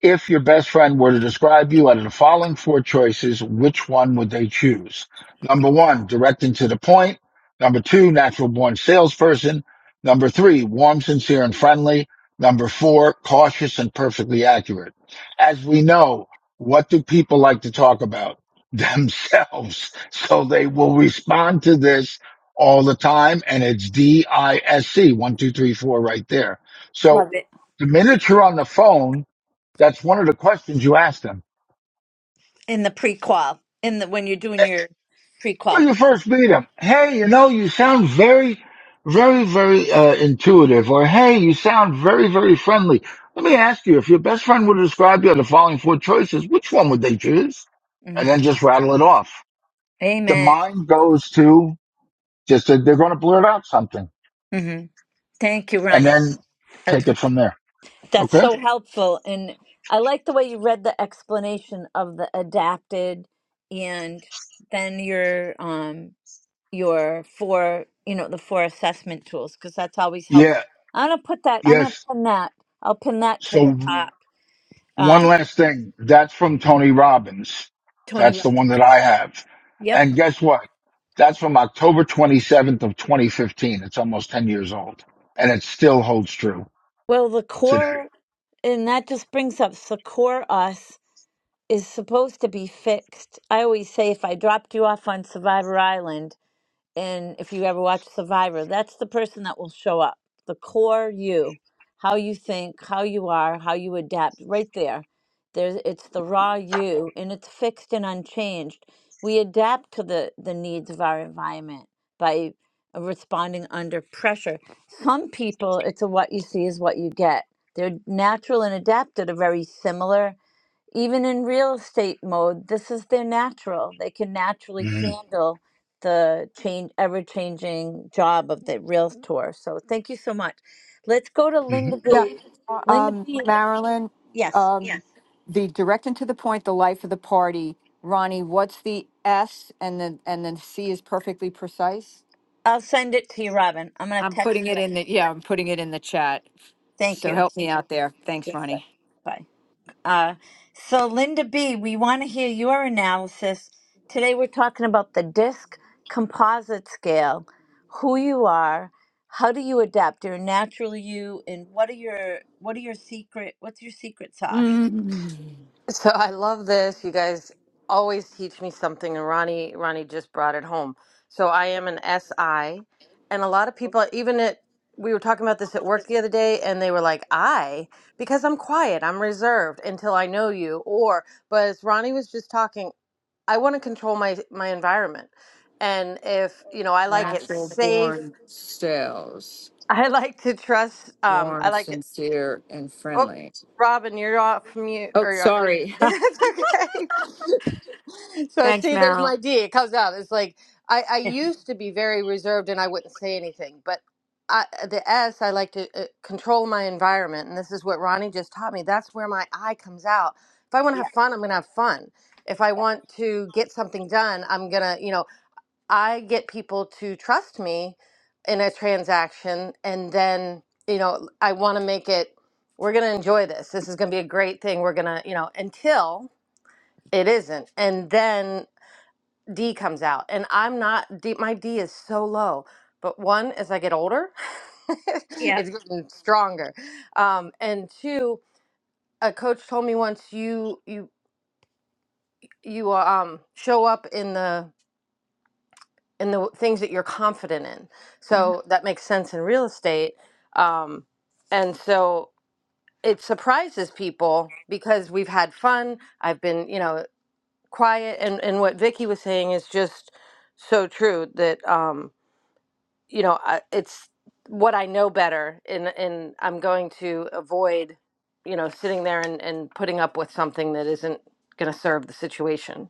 H: If your best friend were to describe you out of the following four choices, which one would they choose? Number one, direct and to the point. Number two, natural born salesperson. Number three, warm, sincere, and friendly. Number four, cautious and perfectly accurate. As we know, what do people like to talk about? Themselves. So they will respond to this all the time. And it's D I S C, one, two, three, four right there. So
A: Love it.
H: the minute you're on the phone, that's one of the questions you asked him.
A: In the prequel, in the, when you're doing your prequel.
H: When you first meet him, hey, you know, you sound very, very, very uh, intuitive, or hey, you sound very, very friendly. Let me ask you, if your best friend would describe you the following four choices, which one would they choose? And
A: hmm
H: then just rattle it off. The
A: Amen.
H: mind goes to just that they're going to blurt out something
A: hmm Thank you,
H: and
A: Ronnie.
H: then
A: That's
H: take it from there.
A: That's
H: Okay.
A: so helpful. And I like the way you read the explanation of the adapted and then your um your four, you know, the four assessment tools because that's always
H: Yeah.
A: helpful. I'm gonna put that I'm gonna
H: Yes.
A: pin that. I'll pin that to the
H: So
A: Mm. top.
H: One
A: Uh
H: last thing. That's from Tony Robbins.
A: Tony
H: That's the
A: Robbins.
H: one that I have.
A: Yep.
H: And guess what? That's from October 27th of 2015. It's almost 10 years old and it still holds true
A: Well the
H: today.
A: core and that just brings up the core us is supposed to be fixed. I always say if I dropped you off on Survivor Island and if you ever watch survivor that's the person that will show up the core you how you think how you are how you adapt right there there's it's the raw you and it's fixed and unchanged we adapt to the the needs of our environment by responding under pressure some people it's a what you see is what you get their natural and adapted are very similar even in real estate mode, this is their natural. They can naturally Yeah.
H: Mhm.
A: handle the change, ever changing job of the realtor. So thank you so much. Let's go to Linda
D: Yeah,
A: B. Linda
D: um,
A: B.
D: Marilyn,
A: Yes,
D: um, Yes. the direct and to the point, the life of the party. Ronnie, what's the S and then and then C is perfectly precise.
A: I'll send it to you, Robin. I'm gonna
D: I'm
A: text.
D: putting it
A: you.
D: in the yeah, I'm putting it in the chat.
A: Thank
D: So
A: you.
D: help me out there. Thanks,
A: Yes, sir.
D: Ronnie.
A: Bye. Uh, so, Linda B., we want to hear your analysis. Today, we're talking about the disc composite scale, who you are, how do you adapt your natural you, and what are your what are your secret? What's your secret sauce?
D: Mm.
I: So I love this. You guys always teach me something, and Ronnie Ronnie just brought it home. So I am an SI, and a lot of people, even at we were talking about this at work the other day, and they were like, "I," because I'm quiet, I'm reserved until I know you. Or, but as Ronnie was just talking, I want to control my my environment, and if you know, I like it
D: Natural
I: safe.
D: born sales,
I: I like to trust. Um, I
D: warm,
I: like it.
D: sincere, and
I: Oh,
D: friendly.
I: Robin, you're off mute,
D: Oh,
I: or you're, we.
D: sorry.
I: It's okay. so
D: Thanks,
I: see, there's
D: Marilyn.
I: my D. It comes out. It's like I, I
A: Yeah,
I: used to be very reserved and I wouldn't say anything, but I, the S, I like to uh, control my environment, and this is what Ronnie just taught me. That's where my I comes out. If I want to have
A: yeah,
I: fun, I'm going to have fun. If I want to get something done, I'm gonna, you know. I get people to trust me in a transaction and then, you know, I want to make it we're going to enjoy this. This is going to be a great thing. We're going to, you know, until it isn't. And then D comes out and I'm not D, my D is so low. But one as I get older,
A: yeah.
I: it's getting stronger. Um and two, a coach told me once you you you uh, um show up in the In the things that you're confident in.
A: Mhm.
I: So that makes sense in real estate. Um, and so it surprises people because we've had fun. I've been, you know, quiet. And, and what Vicky was saying is just so true that, um, you know, I, it's what I know better. And, and I'm going to avoid, you know, sitting there and, and putting up with something that isn't going to serve the situation.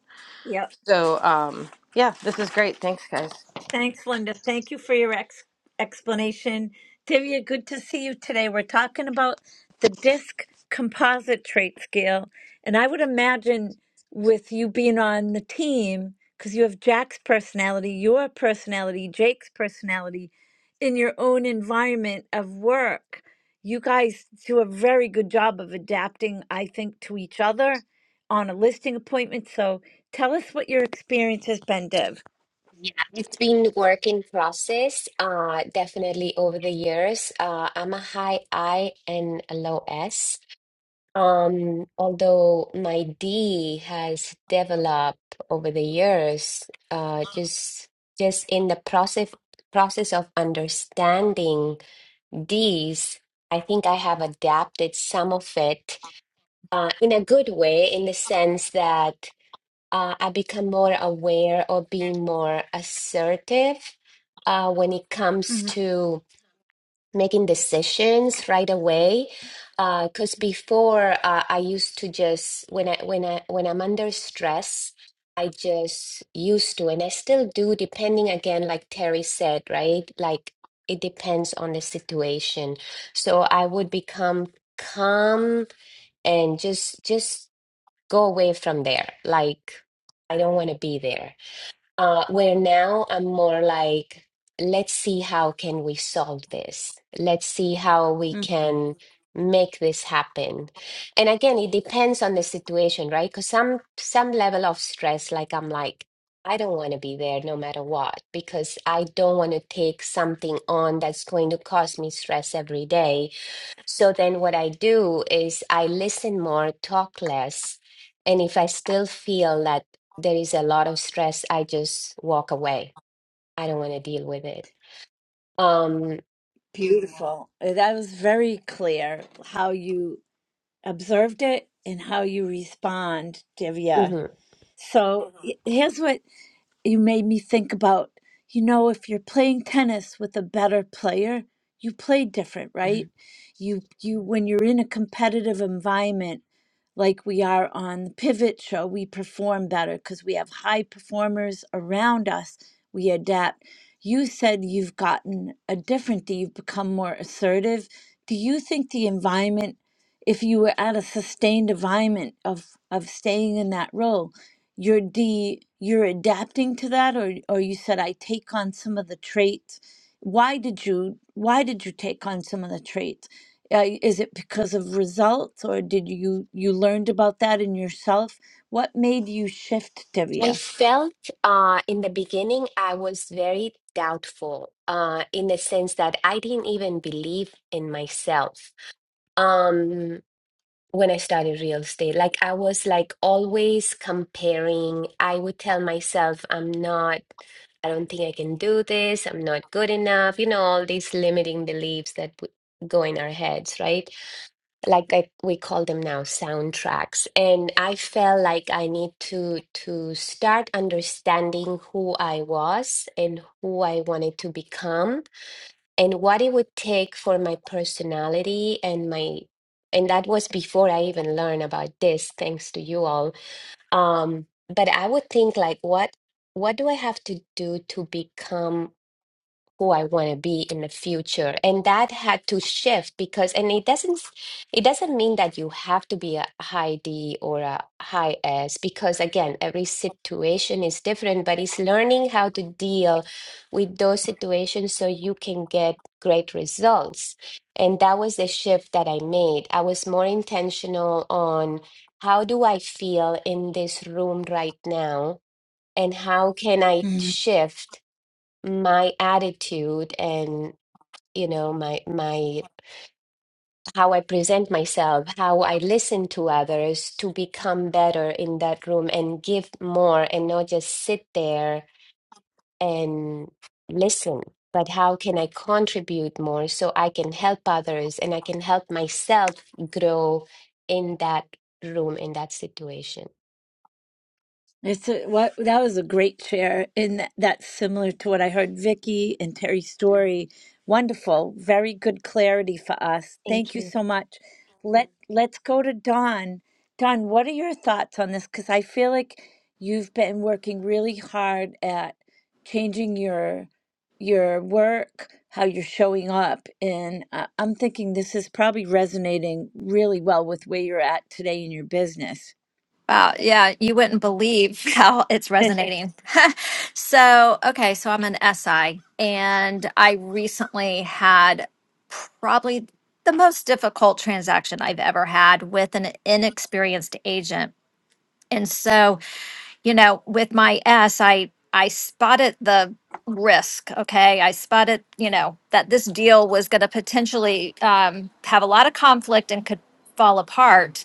I: So, um, yeah, this is great. Thanks, guys.
A: Thanks, Linda. Thank you for your ex- explanation. Divya, good to see you today. We're talking about the disc composite trait scale. And I would imagine with you being on the team, because you have Jack's personality, your personality, Jake's personality, in your own environment of work, you guys do a very good job of adapting, I think, to each other on a listing appointment. So tell us what your experience has been, Div.
J: Yeah, it's been work in process, uh, definitely over the years. Uh, I'm a high I and a low S. Um, although my D has developed over the years, uh, just just in the process process of understanding D's, I think I have adapted some of it uh, in a good way, in the sense that uh, I become more aware of being more assertive uh, when it comes to making decisions right away. Because before, uh, I used to just when I when I when I'm under stress, I just used to, and I still do, depending again, like Terry said, right? Like it depends on the situation. So I would become calm and just just go away from there. Like, I don't want to be there. Uh, where now I'm more like, let's see how can we solve this. Let's see how we can make this happen. And again, it depends on the situation, right? Because some some level of stress, like I'm like, I don't want to be there no matter what, because I don't want to take something on that's going to cause me stress every day so then what I do is I listen more, talk less. And if I still feel that there is a lot of stress, I just walk away. I don't want to deal with it. Um,
A: Beautiful. Uh, That was very clear how you observed it and how you respond, Divya.
J: mhm,
A: So Mhm. y- here's what you made me think about you know if you're playing tennis with a better player you play different right
J: mhm.
A: you you when you're in a competitive environment like we are on the pivot show we perform better because we have high performers around us we adapt you said you've gotten a different that you've become more assertive do you think the environment if you were at a sustained environment of of staying in that role you're de you're adapting to that or or you said I take on some of the traits. Why did you why did you take on some of the traits? Uh, is it because of results or did you you learned about that in yourself? What made you shift,
J: I
A: Divya?
J: felt uh, in the beginning I was very doubtful uh, in the sense that I didn't even believe in myself. Um, when I started real estate. Like I was like always comparing. I would tell myself, I'm not, I don't think I can do this. I'm not good enough. You know, all these limiting beliefs that w- go in our heads, right? Like I, we call them now soundtracks. And I felt like I need to to start understanding who I was and who I wanted to become and what it would take for my personality and my and that was before i even learned about this thanks to you all um but i would think like what what do i have to do to become who I want to be in the future. And that had to shift because and it doesn't it doesn't mean that you have to be a high D or a high S because again, every situation is different, but it's learning how to deal with those situations so you can get great results. And that was the shift that I made. I was more intentional on how do I feel in this room right now? And how can I shift? my attitude and you know my my how I present myself, how I listen to others to become better in that room and give more and not just sit there and listen, but how can I contribute more so I can help others and I can help myself grow in that room, in that situation.
A: It's a, what that was a great share, and that, that's similar to what I heard Vicky and Terry's
J: Mm.
A: story. Wonderful, very good clarity for us.
J: Thank
A: Thank you
J: you.
A: so much. Let let's go to Don. Don, what are your thoughts on this? Because I feel like you've been working really hard at changing your your work, how you're showing up, and uh, I'm thinking this is probably resonating really well with where you're at today in your business.
K: Wow. Yeah. You wouldn't believe how it's resonating. so, okay. So I'm an SI and I recently had probably the most difficult transaction I've ever had with an inexperienced agent. And so, you know, with my S, I, I spotted the risk. Okay. I spotted, you know, that this deal was going to potentially um, have a lot of conflict and could fall apart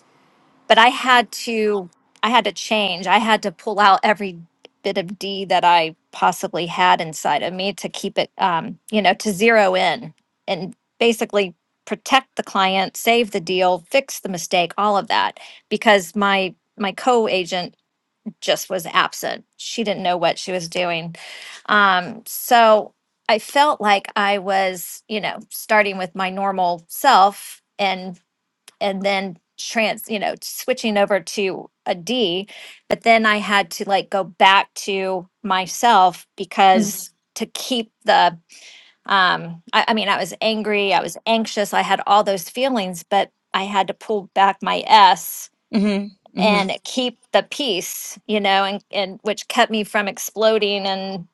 K: but I had to I had to change. I had to pull out every bit of D that I possibly had inside of me to keep it um, you know, to zero in and basically protect the client, save the deal, fix the mistake, all of that because my my co-agent just was absent. She didn't know what she was doing. Um, so I felt like I was, you know, starting with my normal self and and then trans you know switching over to a d but then i had to like go back to myself because to keep the um I, I mean i was angry i was anxious i had all those feelings but i had to pull back my s
A: hmm hmm
K: and keep the peace, you know, and, and which kept me from exploding and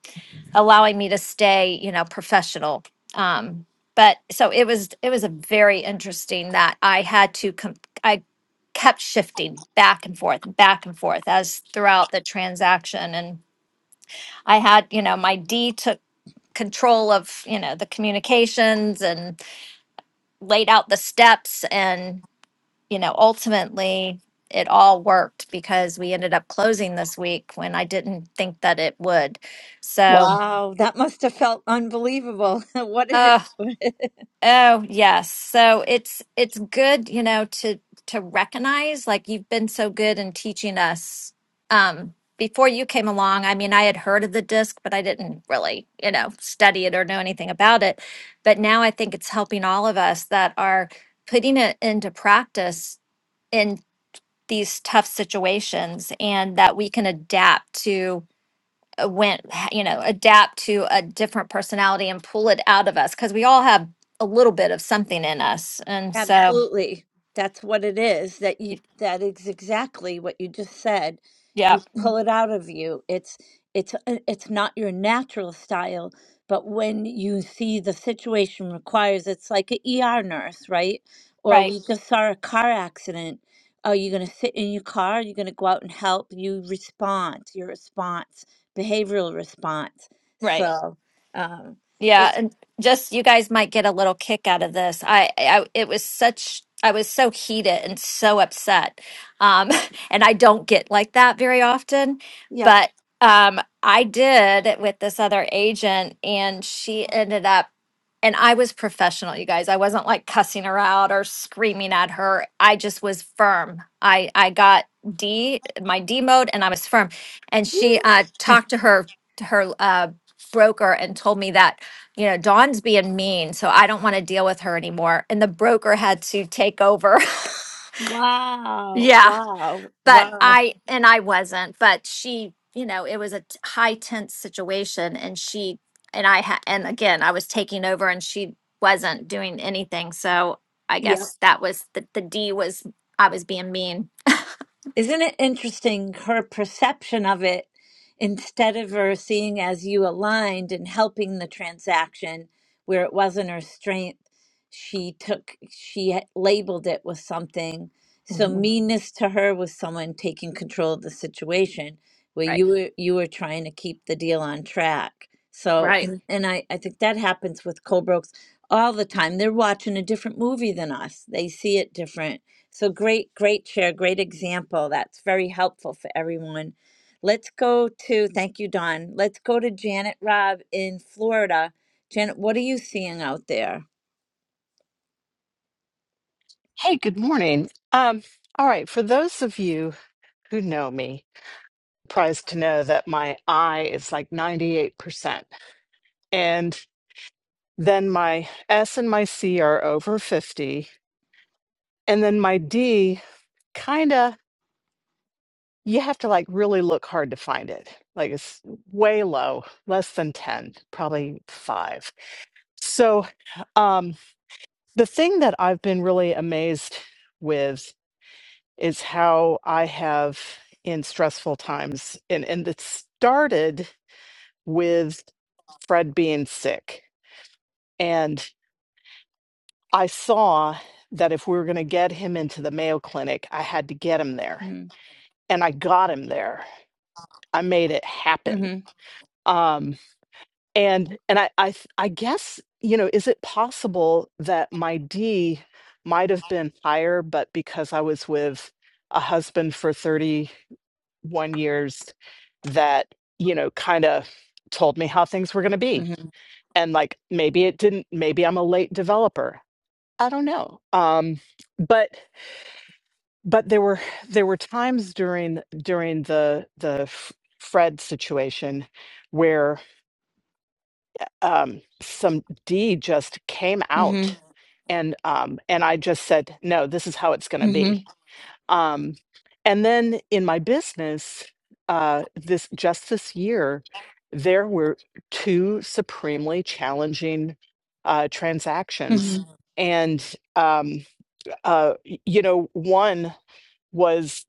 K: allowing me to stay, you know, professional. Um, but so it was, it was a very interesting that I had to, com- I kept shifting back and forth, back and forth as throughout the transaction. And I had, you know, my D took control of, you know, the communications and laid out the steps and you know, ultimately it all worked because we ended up closing this week when I didn't think that it would. So,
A: Wow, that must have felt unbelievable. What did
K: oh,
A: it?
K: oh yes. So it's it's good, you know, to to recognize like you've been so good in teaching us um before you came along. I mean, I had heard of the disc, but I didn't really, you know, study it or know anything about it. But now I think it's helping all of us that are putting it into practice these tough situations and that we can adapt to uh, when you know adapt to a different personality and pull it out of us because we all have a little bit of something in us and so
A: Absolutely. That's what it is. That you
K: y-
A: that is exactly what you just said.
K: yeah
A: You pull it out of you. It's it's uh, it's not your natural style, but when you see the situation requires, it's like an ER nurse, right? Or
K: right
A: we just saw a car accident. Are you going to sit in your car? Are you going to go out and help? You respond. Your response, behavioral response.
K: right
A: So, um,
K: Yeah,
A: it's
K: and just you guys might get a little kick out of this. I, I it was such I was so heated and so upset. Um and I don't get like that very often,
A: yep.
K: but um I did it with this other agent and she ended up and I was professional, you guys. I wasn't like cussing her out or screaming at her. I just was firm. I I got D my D mode and I was firm. And she uh talked to her her uh broker and told me that you know, Dawn's being mean, so I don't want to deal with her anymore. And the broker had to take over.
A: Wow,
K: yeah.
A: wow,
K: But
A: wow.
K: I, and I wasn't, but she, you know, it was a t- high tense situation. And she, and I, ha- and again, I was taking over and she wasn't doing anything. So I
A: Yeah.
K: guess that was the, the D was, I was being mean.
A: Isn't it interesting her perception of it instead of her seeing as you aligned and helping the transaction where it wasn't her strength, she took she ha- labeled it with something. So
K: Mhm.
A: meanness to her was someone taking control of the situation where
K: Right.
A: you were you were trying to keep the deal on track. So
K: Right.
A: and, and I, I think that happens with Colbrooks all the time. They're watching a different movie than us. They see it different so great, great share, great example. That's very helpful for everyone. Let's go to, thank you, Don. Let's go to Janet Robb in Florida. Janet, what are you seeing out there?
L: Hey, good morning. Um, all right, for those of you who know me, surprised to know that my I is like 98%, and then my S and my C are over 50, and then my D kind of you have to like really look hard to find it. Like it's way low, less than 10, probably 5. So, um the thing that I've been really amazed with is how I have in stressful times. And and it started with Fred being sick. And I saw that if we were going to get him into the Mayo Clinic, I had to get him there.
A: Mm-hmm.
L: And I got him there. I made it happen.
A: Mm-hmm.
L: Um, and and I, I th- I guess, you know, is it possible that my D might have been higher, but because I was with a husband for 30 one years that, you know, kind of told me how things were going to be.
A: Mm-hmm.
L: And like maybe it didn't, maybe I'm a late developer. I don't know. Um, but but there were there were times during during the the F- Fred situation where um, some D just came out and um, and I just said, no, this is how it's going to
A: Mm-hmm.
L: be Um, and then in my business, uh, this just this year, there were two supremely challenging uh, transactions,
A: Mm-hmm.
L: and um, uh, y- you know, one was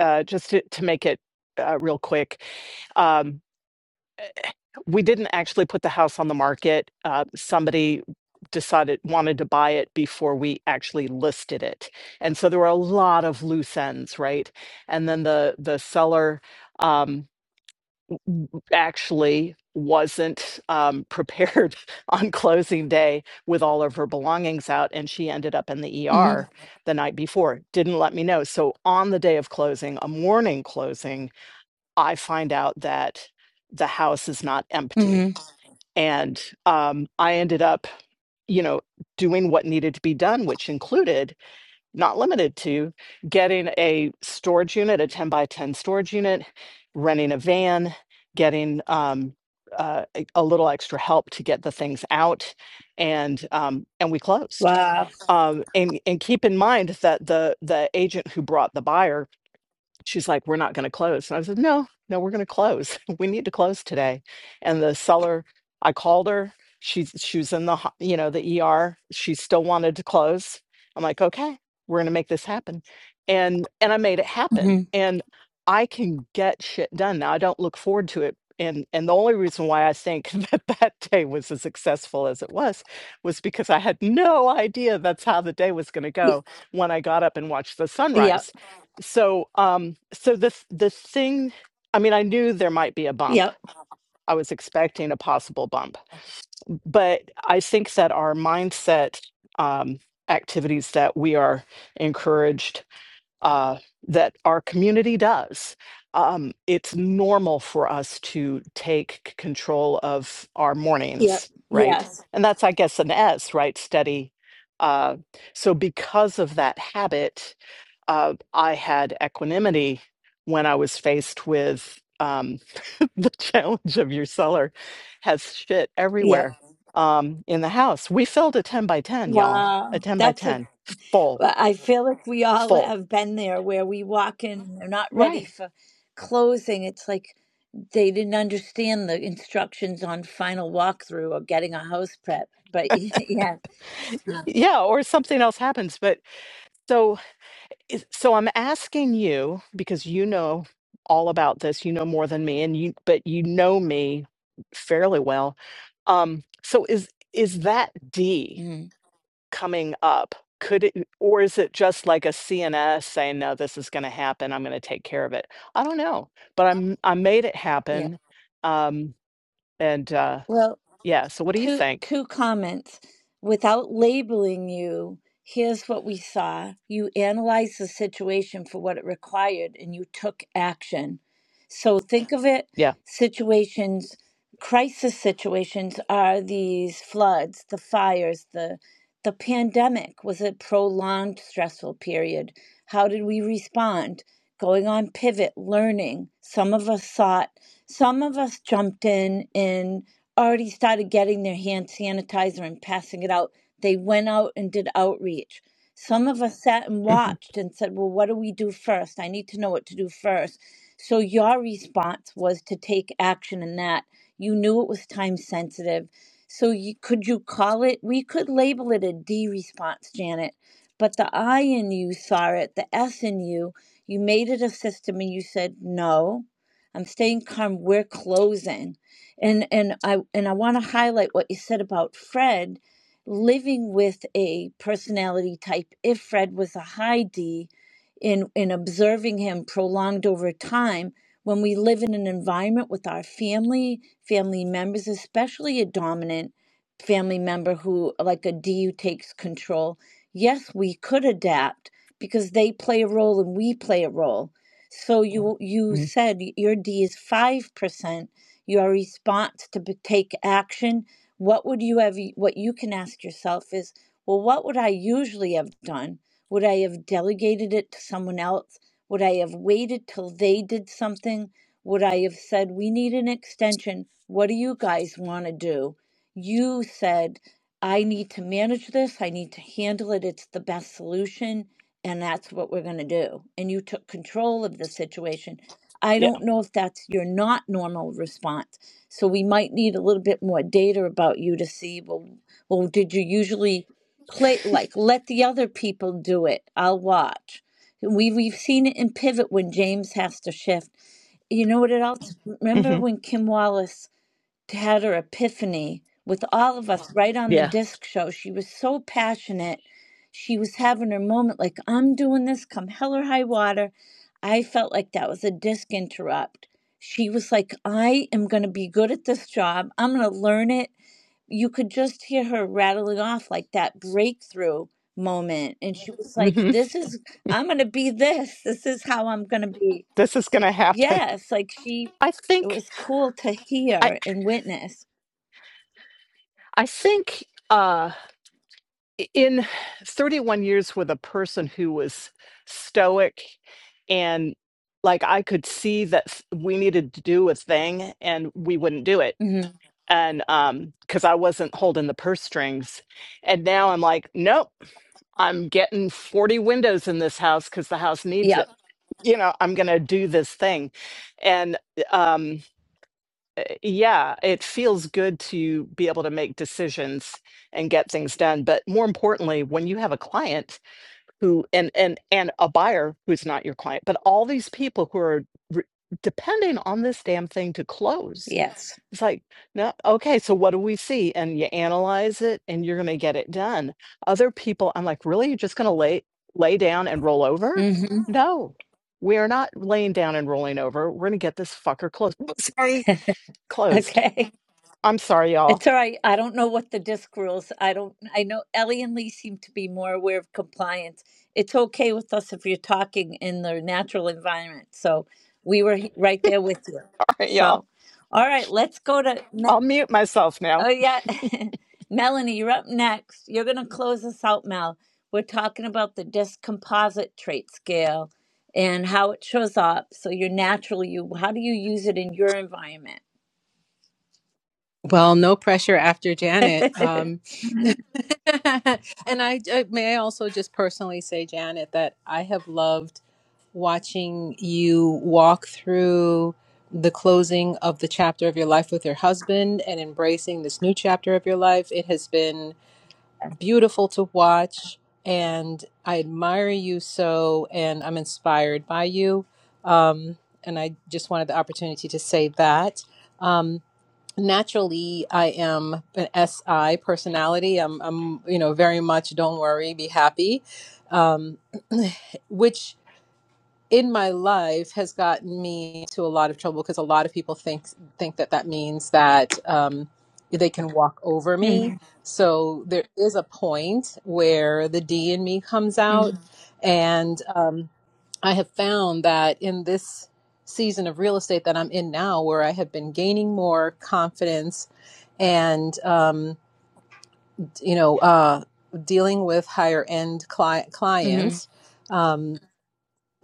L: uh, just to, to make it uh, real quick. um, we didn't actually put the house on the market. Uh, somebody decided wanted to buy it before we actually listed it, and so there were a lot of loose ends, right? And then the the seller um, actually wasn't um, prepared on closing day with all of her belongings out, and she ended up in the
A: Mm-hmm.
L: ER the night before. Didn't let me know. So on the day of closing, a morning closing, I find out that the house is not empty
A: Mm-hmm.
L: and um, I ended up, you know, doing what needed to be done, which included, not limited to, getting a storage unit, a 10 by 10 storage unit, renting a van, getting um, uh, a a little extra help to get the things out, and um, and we closed.
A: Wow.
L: Um, and and keep in mind that the the agent who brought the buyer she's like, we're not going to close. And I said, no, no, we're going to close. we need to close today. And the seller, I called her. She's she was in the ho- you know the ER. She still wanted to close. I'm like, okay, we're going to make this happen. And and I made it happen.
A: Mm-hmm.
L: And I can get shit done now. I don't look forward to it. And and the only reason why I think that that day was as successful as it was was because I had no idea that's how the day was going to go when I got up and watched the
A: Yep.
L: sunrise so um so the th- the thing i mean i knew there might be a bump
A: Yep.
L: i was expecting a possible bump but i think that our mindset um activities that we are encouraged uh that our community does um it's normal for us to take c- control of our
A: Yep.
L: mornings right
A: Yes.
L: and that's i guess an s right steady uh so because of that habit uh, I had equanimity when I was faced with um, the challenge of your cellar has shit
A: Yep.
L: everywhere um, in the house. We filled a 10 by 10, y'all, a
A: Wow.
L: 10 by
A: That's a,
L: 10, full,
A: I feel like we all
L: full.
A: have been there where we walk in and they're not ready
L: Right.
A: for closing. It's like, they didn't understand the instructions on final walkthrough or getting a house prep. But yeah, Uh,
L: Yeah, or something else happens. But so, is- so I'm asking you because you know all about this. You know more than me, and you, but you know me fairly well. Um, so is is that D?
A: mm,
L: coming up? Could it or is it just like a CNS saying, "No, this is gonna happen, I'm gonna take care of it?" I don't know, but I'm I made it
A: yeah.
L: happen, um, and, uh,
A: Well,
L: yeah, so what do you
A: two
L: think?
A: two comments without labeling you here's what we saw you analyzed the situation for what it required and you took action so think of it
L: Yeah,
A: situations crisis situations are these floods the fires the the pandemic was a prolonged stressful period how did we respond going on pivot learning some of us sought some of us jumped in and already started getting their hand sanitizer and passing it out. They went out and did outreach. Some of us sat and
L: mhm,
A: watched and said, Well, what do we do first? I need to know what to do first. So your response was to take action in that. You knew it was time sensitive. So you, could you call it? We could label it a D response, Janet. But the I in you saw it, the S in you, you made it a system and you said, No, I'm staying calm. We're closing and and I and I want to highlight what you said about Fred living with a personality type if Fred was a high D in in observing him prolonged over time when we live in an environment with our family family members especially a dominant family member who like a D who takes control yes we could adapt because they play a role and we play a role so you you
L: mhm,
A: said your D is 5% your response to b- take action what would you have what you can ask yourself is well what would i usually have done would i have delegated it to someone else would i have waited till they did something would i have said we need an extension what do you guys want to do you said i need to manage this i need to handle it it's the best solution and that's what we're going to do and you took control of the situation I
L: yeah,
A: don't know if that's your not normal response. So we might need a little bit more data about you to see well, well did you usually play like let the other people do it? I'll watch. We we've seen it in pivot when James has to shift. You know what it else? Remember
L: mhm,
A: when Kim Wallace had her epiphany with all of us right on the
L: yeah,
A: disc show. She was so passionate. She was having her moment like, I'm doing this, come hell or high water. I felt like that was a disc interrupt. She was like, I am going to be good at this job. I'm going to learn it. You could just hear her rattling off like that breakthrough moment. And she was like,
L: mhm,
A: This is, I'm going to be this. This is how I'm going to be.
L: this is gonna happen.
A: Yes. Like she,
L: I
A: it
L: think
A: was cool to
L: I
A: hear and witness.
L: I think, uh in 31 years with a person who was stoic and like I could see that s- we needed to do a thing and we wouldn't do it.
A: Mm-hmm.
L: And um cuz I wasn't holding the purse strings. And now I'm like, nope, I'm getting 40 windows in this house cuz the house needs
A: Yep.
L: it. You know, I'm going to do this thing. And um, uh, yeah, it feels good to be able to make decisions and get things done. But more importantly, when you have a client who and and and a buyer who's not your client, but all these people who are re- depending on this damn thing to close,
A: Yes.
L: it's like, no, okay, so what do we see? And you analyze it, and you're going to get it done. Other people, I'm like, really, you're just going to lay lay down and roll over?
A: hmm
L: No. We are not laying down and rolling over. We're going to get this fucker closed. Sorry, closed.
A: Okay.
L: I'm sorry, y'all.
A: It's all right. I don't know what the disc rules. I don't. I know Ellie and Lee seem to be more aware of compliance. It's okay with us if you're talking in the natural environment. So we were he- right there with you.
L: All right, y'all.
A: So, all right. Let's go to.
L: I'll mute myself
A: Oh
L: now.
A: yeah. Melanie, you're up next. You're gonna close us out, Mel. We're talking about the discomposite trait scale and how it shows up. So your natural you how do you use it in your environment?
M: Well, no pressure after Janet. Um, and I uh, may I also just personally say, Janet, that I have loved watching you walk through the closing of the chapter of your life with your husband and embracing this new chapter of your life. It has been beautiful to watch, and I admire you so, and I'm inspired by you. Um, and I just wanted the opportunity to say that. Um, naturally i am an si personality i'm, I'm you know very much don't worry be happy um, which in my life has gotten me into a lot of trouble because a lot of people think think that that means that um, they can walk over
A: hmm
M: me so there is a point where the d in me comes
A: hmm
M: out and um, i have found that in this season of real estate that i'm in now where i have been gaining more confidence and um, you know uh, dealing with higher end cli-
A: hmm
M: clients um,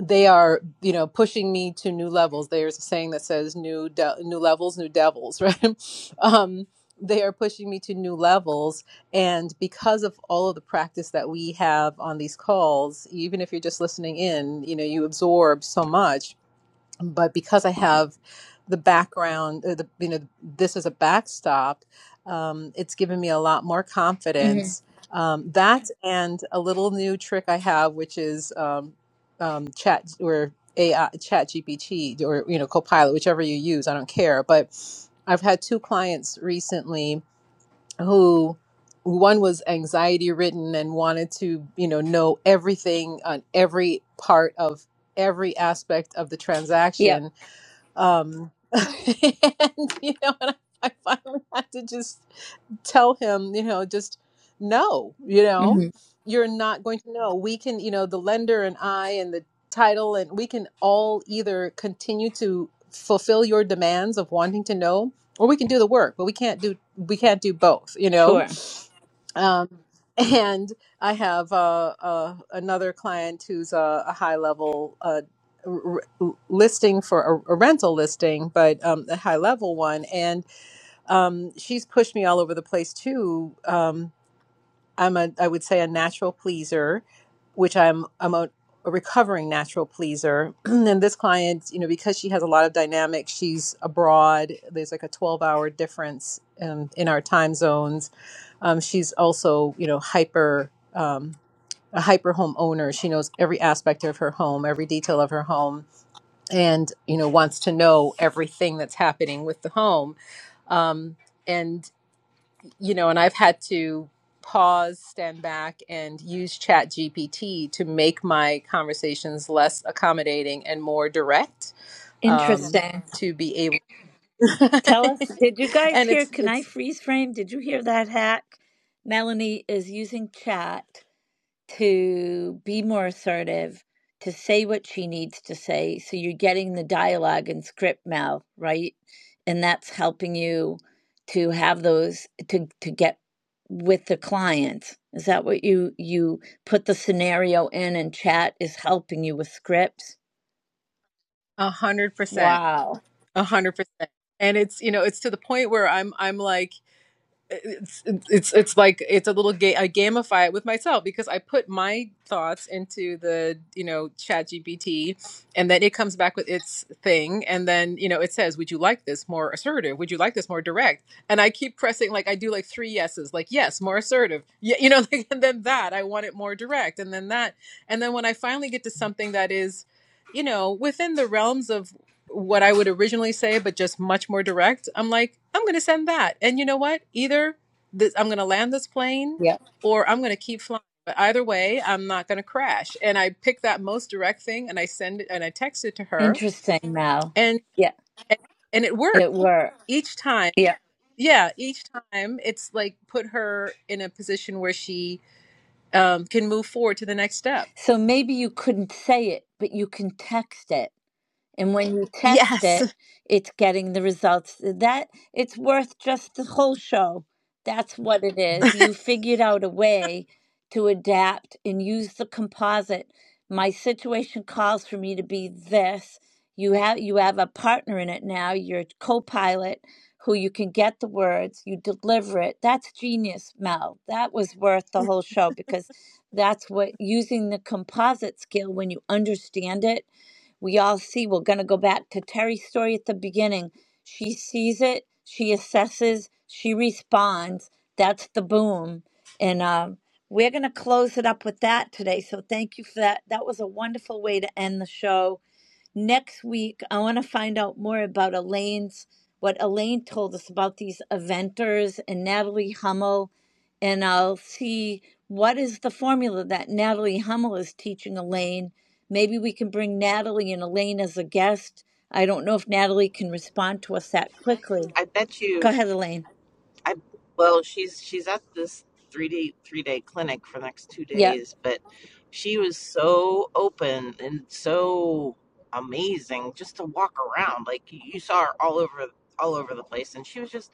M: they are you know pushing me to new levels there's a saying that says new de- new levels new devils right um, they are pushing me to new levels and because of all of the practice that we have on these calls even if you're just listening in you know you absorb so much but because I have the background, uh, the, you know, this is a backstop, um, it's given me a lot more
A: hmm
M: confidence. Um, that and a little new trick I have, which is um, um, chat or AI, chat GPT or, you know, Copilot, whichever you use, I don't care. But I've had two clients recently who one was anxiety ridden and wanted to, you know, know everything on every part of every aspect of the transaction
A: Yep.
M: um and you know and I, I finally had to just tell him you know just no you know
A: hmm
M: you're not going to know we can you know the lender and i and the title and we can all either continue to fulfill your demands of wanting to know or we can do the work but we can't do we can't do both you know
A: Sure.
M: um, and I have uh, uh, another client who's a, a high level uh, r- r- listing for a, a rental listing, but um, a high level one. And um, she's pushed me all over the place too. Um, I'm a I would say a natural pleaser, which I'm I'm a, a recovering natural pleaser. and this client, you know, because she has a lot of dynamics, she's abroad. There's like a 12 hour difference um, in our time zones. Um, she's also you know hyper um, a hyper home owner. She knows every aspect of her home, every detail of her home, and you know wants to know everything that's happening with the home. Um, and you know, and I've had to pause, stand back, and use Chat GPT to make my conversations less accommodating and more direct um,
A: Interesting.
M: to be able.
A: Tell us, did you guys
M: and
A: hear?
M: it's
A: Can I
M: it's
A: freeze frame? Did you hear that hack? Melanie is using chat. to be more assertive, to say what she needs to say. So you're getting the dialogue and script now, right? And that's helping you to have those to to get with the client. Is that what you you put the scenario in and chat is helping you with scripts?
M: a hundred percent,
A: Wow.
M: a hundred percent, and it's you know it's to the point where I'm I'm like it's it's it's like it's a little game. I gamify it with myself because I put my thoughts into the you know chat GPT and then it comes back with its thing and then you know it says would you like this more assertive would you like this more direct and I keep pressing like I do like three yeses like yes more assertive yeah you know like, and then that I want it more direct and then that and then when I finally get to something that is you know within the realms of what I would originally say, but just much more direct. I'm like, I'm going to send that. And you know what? Either this, I'm going to land this plane
A: Yeah.
M: or I'm going to keep flying. But either way, I'm not going to crash. And I pick that most direct thing and I send it and I text it to her.
A: Interesting Mal.
M: And,
A: Yeah.
M: and, and it works
A: It worked.
M: each time.
A: Yeah.
M: Yeah, each time it's like put her in a position where she um, can move forward to the next step.
A: So maybe you couldn't say it, but you can text it and when you text
M: Yes.
A: it it's getting the results that it's worth just the whole show that's what it is you figured out a way to adapt and use the composite my situation calls for me to be this you have you have a partner in it now your co-pilot who you can get the words you deliver it that's genius mel that was worth the whole show because that's what using the composite skill when you understand it we all see we're going to go back to terry's story at the beginning she sees it she assesses she responds that's the boom and um, we're going to close it up with that today so thank you for that that was a wonderful way to end the show next week i want to find out more about elaine's what elaine told us about these eventers and natalie hummel and i'll see what is the formula that natalie hummel is teaching elaine maybe we can bring natalie and elaine as a guest i don't know if natalie can respond to us that quickly
B: I bet you.
A: go ahead elaine
B: I well, she's she's at this three day three day clinic for the next two
A: yeah
B: days, but she was so open and so amazing just to walk around. Like you saw her all over all over the place, and she was just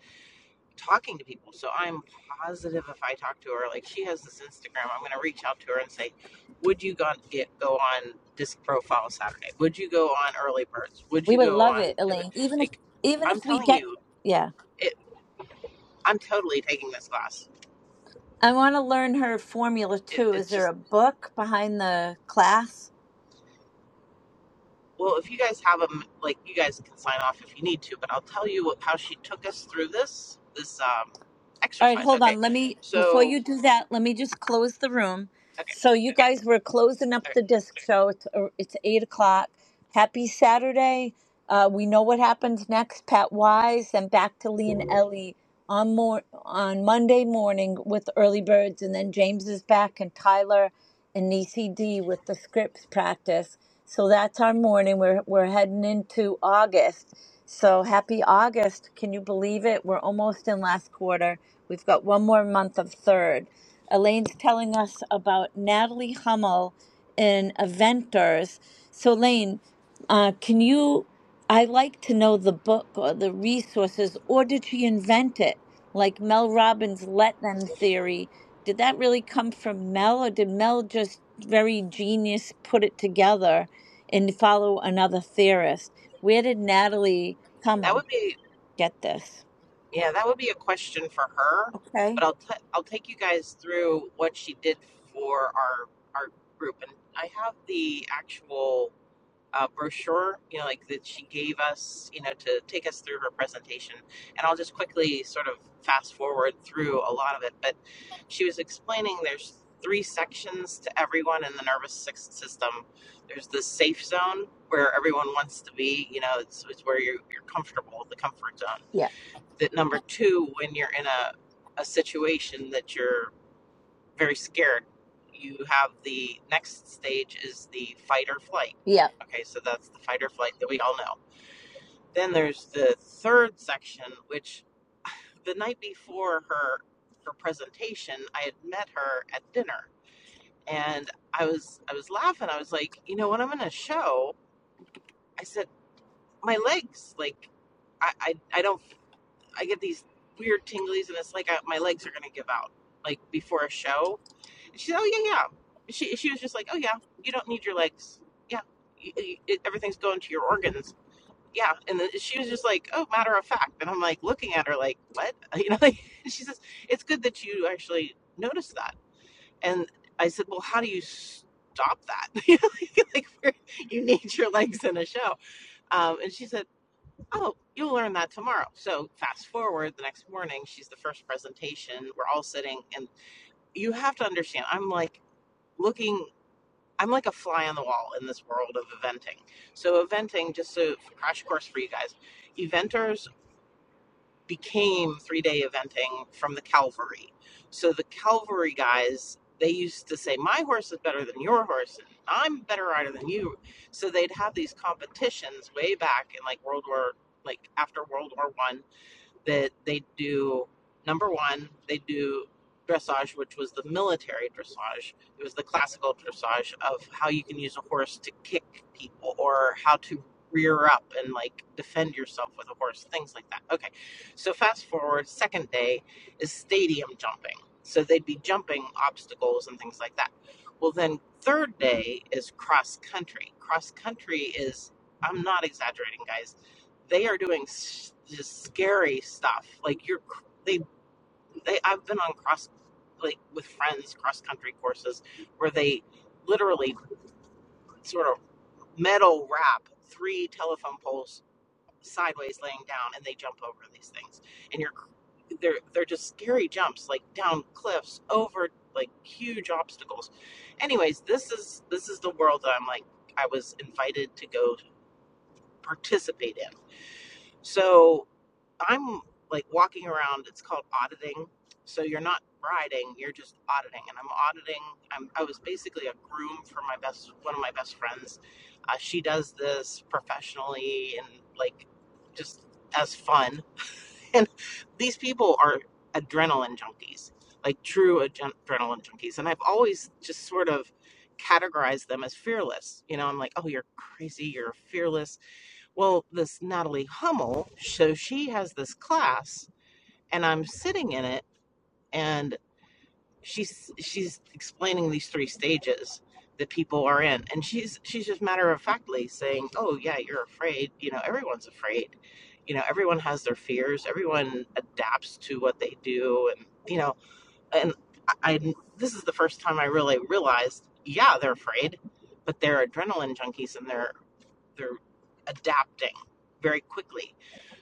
B: talking to people. So I'm positive if I talk to her, like she has this Instagram, I'm gonna reach out to her and say, "Would you go get go on disc profile Saturday? Would you go on early birds? Would
A: we
B: you
A: would
B: go
A: love
B: on
A: it
B: pivot?"
A: elaine even if
B: Like
A: even
B: I'm
A: if we
B: telling
A: get
B: you,
A: yeah
B: it. I'm totally taking this class
A: i want to learn her formula
B: it,
A: too is
B: it's
A: there
B: just
A: a book behind the class
B: well if you guys have them like you guys can sign off if you need to but i'll tell you what, how she took us through this this um
A: All right,
B: exercise
A: hold
B: okay
A: on. Let me, before
B: so
A: you do that, let me just close the room.
B: okay,
A: So, you guys, we're closing up
B: okay
A: the disc show. It's, uh, it's 8 o'clock. Happy Saturday. Uh, we know what happens next. Pat Wise and back to Lee and Ellie on, mor- on Monday morning with Early Birds. And then James is back and Tyler and Niecy D with the scripts practice. So, that's our morning. We're, we're heading into August. So, happy August. Can you believe it? We're almost in last quarter We've got one more month of third. Elaine's telling us about Natalie Hummel in Eventers. So, Elaine, uh, can you? I like to know the book or the resources, or did she invent it? Like Mel Robbins' let them theory. Did that really come from Mel, or did Mel just very genius put it together and follow another theorist? Where did Natalie
B: that
A: Hummel
B: would be
A: get this?
B: yeah that would be a question for her
A: Okay.
B: but i'll t- i'll take you guys through what she did for our our group and i have the actual uh, brochure, you know, like that she gave us, you know, to take us through her presentation. And I'll just quickly sort of fast forward through a lot of it. But she was explaining there's three sections to everyone in the nervous system. There's the safe zone where everyone wants to be, you know, it's, it's where you're, you're comfortable, the comfort zone.
A: Yeah.
B: That number two, when you're in a, a situation that you're very scared, you have the next stage is the fight or flight.
A: Yeah.
B: Okay, so that's the fight or flight that we all know. Then there's the third section, which the night before her her presentation, I had met her at dinner, and I was I was laughing. I was like, you know what, I'm going to show. I said my legs, like, I I, I don't I get these weird tinglies, and it's like I, my legs are going to give out, like before a show She said, "Oh yeah, yeah." She she was just like, "Oh yeah, you don't need your legs. Yeah, y y- it, everything's going to your organs. Yeah." And then she was just like, "Oh, matter of fact." And I'm like looking at her like, "What?" You know, like she says, "It's good that you actually noticed that." And I said, "Well, how do you stop that? You know, like like where you need your legs in a show." Um, and she said, "Oh, you'll learn that tomorrow." So fast forward the next morning, she's the first presentation. We're all sitting, and you have to understand. I'm like looking I'm like a fly on the wall in this world of eventing. So eventing, just so crash course for you guys, eventers became three day eventing from the cavalry. So the cavalry guys, they used to say, "My horse is better than your horse, and I'm a better rider than you." So they'd have these competitions way back in like World War, like after World War One that they do number one they do dressage which was the military dressage it was the classical dressage of how you can use a horse to kick people or how to rear up and like defend yourself with a horse things like that okay so fast forward second day is stadium jumping so they'd be jumping obstacles and things like that well then third day is cross country cross country is i'm not exaggerating guys they are doing s- just scary stuff. Like you're, cr- they, they. I've been on cross, like with friends, cross country courses where they literally sort of metal wrap three telephone poles sideways laying down, and they jump over these things. And you're, cr- they're they're just scary jumps, like down cliffs, over like huge obstacles. Anyways, this is this is the world that I'm like I was invited to go participate in. So I'm like walking around. It's called auditing. So you're not riding, you're just auditing. And I'm auditing. I'm, I was basically a groom for my best one of my best friends. Uh, she does this professionally and like just as fun. And these people are adrenaline junkies, like true adren- adrenaline junkies. And I've always just sort of categorized them as fearless. You know, I'm like, oh, you're crazy, you're fearless well, this Natalie Hummel, so she has this class, and I'm sitting in it, and she's she's explaining these three stages that people are in, and she's she's just matter of factly saying, "Oh yeah, you're afraid. You know, everyone's afraid. You know, everyone has their fears. Everyone adapts to what they do, and you know, and I, I this is the first time I really realized, yeah, they're afraid, but they're adrenaline junkies, and they're they're adapting very quickly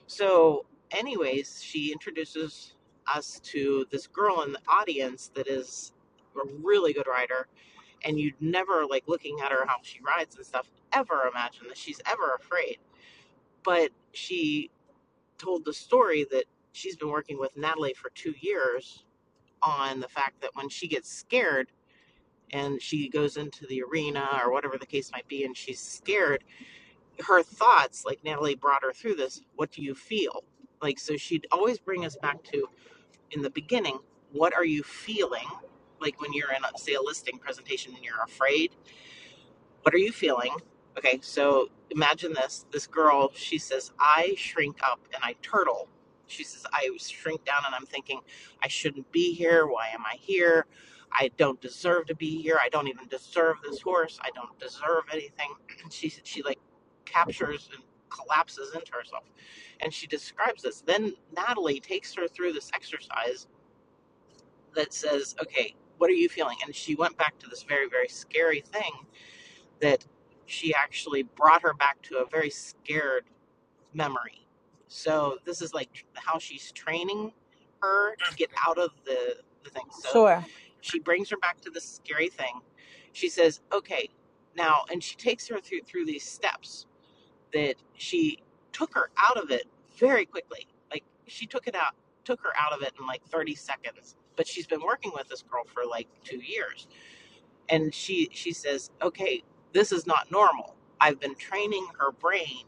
B: so, anyways, she introduces us to this girl in the audience that is a really good rider, and you'd never like looking at her how she rides and stuff ever imagine that she's ever afraid. But she told the story that she's been working with Natalie for two years on the fact that when she gets scared and she goes into the arena or whatever the case might be, and she's scared her thoughts, like Natalie brought her through this, what do you feel? Like, so she'd always bring us back to in the beginning, what are you feeling? Like when you're in, say, a listing presentation and you're afraid what are you feeling? Okay, so imagine this. This girl, she says, I shrink up and I turtle. She says, I shrink down and I'm thinking, I shouldn't be here. Why am I here? I don't deserve to be here. I don't even deserve this horse. I don't deserve anything. She she like captures and collapses into herself. And she describes this. Then Natalie takes her through this exercise that says, Okay, what are you feeling? And she went back to this very, very scary thing that she actually brought her back to a very scared memory. So this is like how she's training her to get out of the, the thing. So
A: Sure.
B: she brings her back to this scary thing. She says, "Okay, now," and she takes her through through these steps that she took her out of it very quickly. Like she took it out, took her out of it in like 30 seconds. But she's been working with this girl for like two years and she she says okay this is not normal i've been training her brain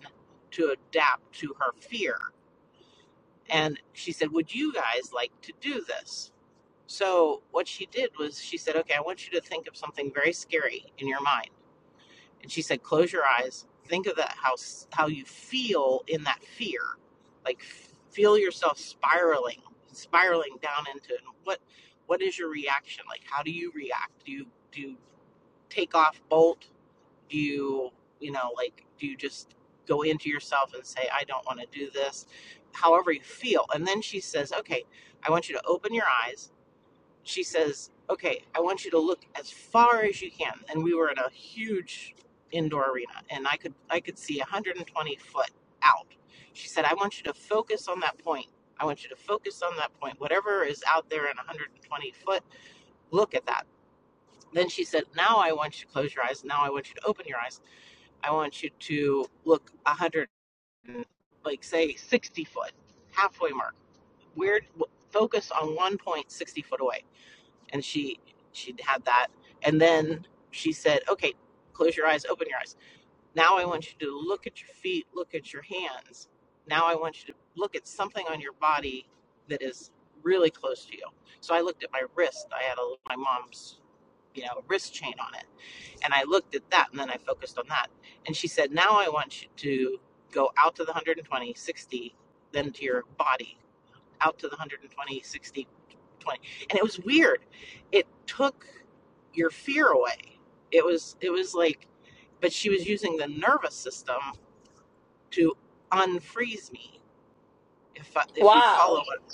B: to adapt to her fear and she said would you guys like to do this so what she did was she said okay i want you to think of something very scary in your mind and she said close your eyes think of that how how you feel in that fear like f- feel yourself spiraling spiraling down into what what is your reaction like how do you react do you do you take off bolt do you you know like do you just go into yourself and say i don't want to do this however you feel and then she says okay i want you to open your eyes she says okay i want you to look as far as you can and we were in a huge indoor arena and i could i could see 120 foot out she said i want you to focus on that point i want you to focus on that point whatever is out there in 120 foot look at that then she said now i want you to close your eyes now i want you to open your eyes I want you to look a hundred, like say sixty foot, halfway mark. Where w- focus on one point sixty foot away, and she she had that, and then she said, "Okay, close your eyes, open your eyes. Now I want you to look at your feet, look at your hands. Now I want you to look at something on your body that is really close to you." So I looked at my wrist. I had a, my mom's you know wrist chain on it and I looked at that and then I focused on that. And she said, Now I want you to go out to the 120, 60, then to your body, out to the 120, 60, twenty. And it was weird. It took your fear away. It was it was like but she was using the nervous system to unfreeze me if if you
A: Wow.
B: follow it.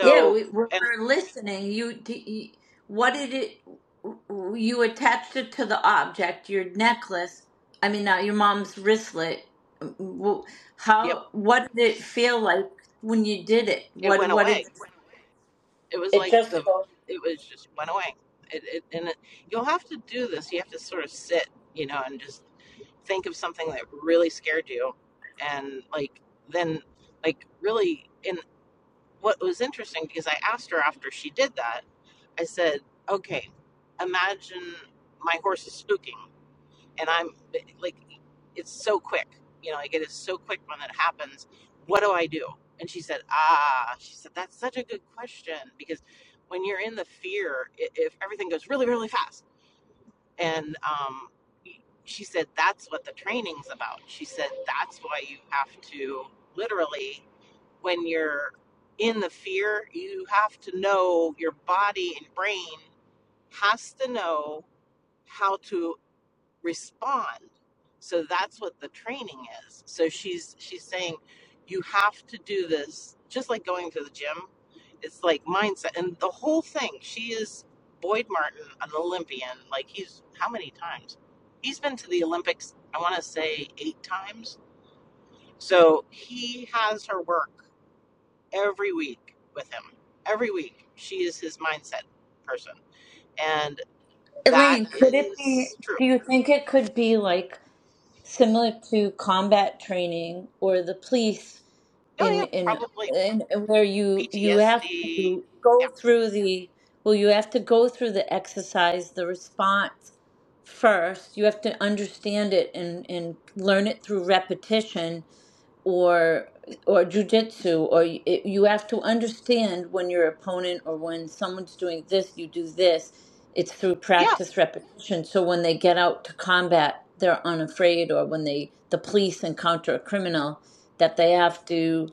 A: Yeah, we, we're,
B: and
A: we're listening. You, d- you, what did it? You attached it to the object, your necklace. I mean, not your mom's wristlet. W-
B: yep,
A: How? What did it feel like when you did it?
B: it
A: What?
B: went
A: What
B: away
A: did?
B: it was
A: It
B: like the
A: just
B: it was just went away. It, it and it, you'll have to do this. You have to sort of sit, you know, and just think of something that really scared you, and like then like really. And what was interesting because I asked her after she did that, I said, "Okay, imagine my horse is spooking." and I'm like, it's so quick, you know, like it is so quick when that happens. What do I do? And she said, ah, she said, that's such a good question because when you're in the fear, i- if everything goes really, really fast, and um, she said, that's what the training's about. She said, that's why you have to literally, when you're in the fear, you have to know your body and brain has to know how to respond so that's what the training is so she's she's saying you have to do this just like going to the gym it's like mindset and the whole thing she is boyd martin an olympian like he's how many times he's been to the olympics i want to say eight times so he has her work every week with him every week she is his mindset person and that
A: Elaine, could it be?
B: is true
A: Do you think it could be like similar to combat training or the police?
B: oh yeah
A: in in
B: probably
A: in where you you have
B: PTSD.
A: to go
B: Yeah.
A: through the well you have to go through the exercise the response first you have to understand it and and learn it through repetition or or jujitsu or y- it, you have to understand when your opponent or when someone's doing this you do this it's through
B: Yeah.
A: practice repetition so when they get out to combat they're unafraid or when they the police encounter a criminal that they have to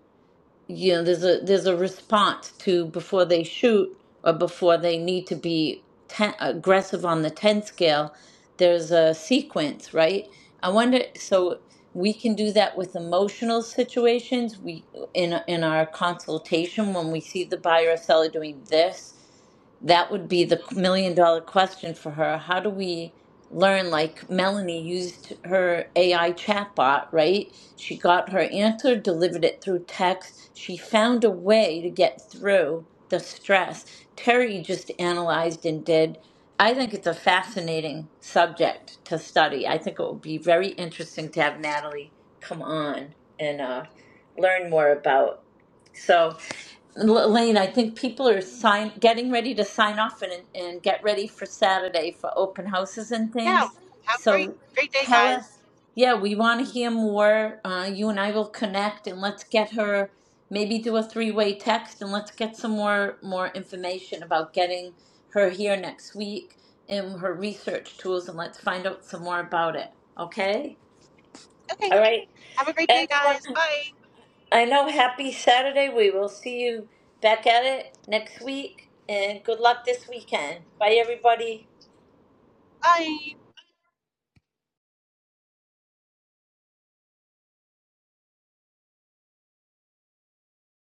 A: you know there's a there's a response to before they shoot or before they need to be ten, aggressive on the 10 scale there's a sequence right i wonder so we can do that with emotional situations we in in our consultation when we see the buyer or seller doing this that would be the million dollar question for her. How do we learn? Like Melanie used her AI chatbot, right? She got her answer, delivered it through text. She found a way to get through the stress. Terry just analyzed and did. I think it's a fascinating subject to study. I think it will be very interesting to have Natalie come on and uh, learn more about. So, Lane, I think people are sign getting ready to sign off and and get ready for Saturday for open houses and
B: Yeah.
A: things.
B: Have a great,
A: So
B: great day,
A: tell her,
B: guys.
A: yeah, we want to hear more. Uh, you and I will connect and let's get her maybe do a three-way text and let's get some more more information about getting her here next week and her research tools and let's find out some more about it. Okay?
B: Okay.
A: All right.
B: Have a great day, guys.
A: Everyone
B: Bye.
A: I know. Happy Saturday. We will see you back at it next week. And good luck this weekend. Bye, everybody.
B: Bye.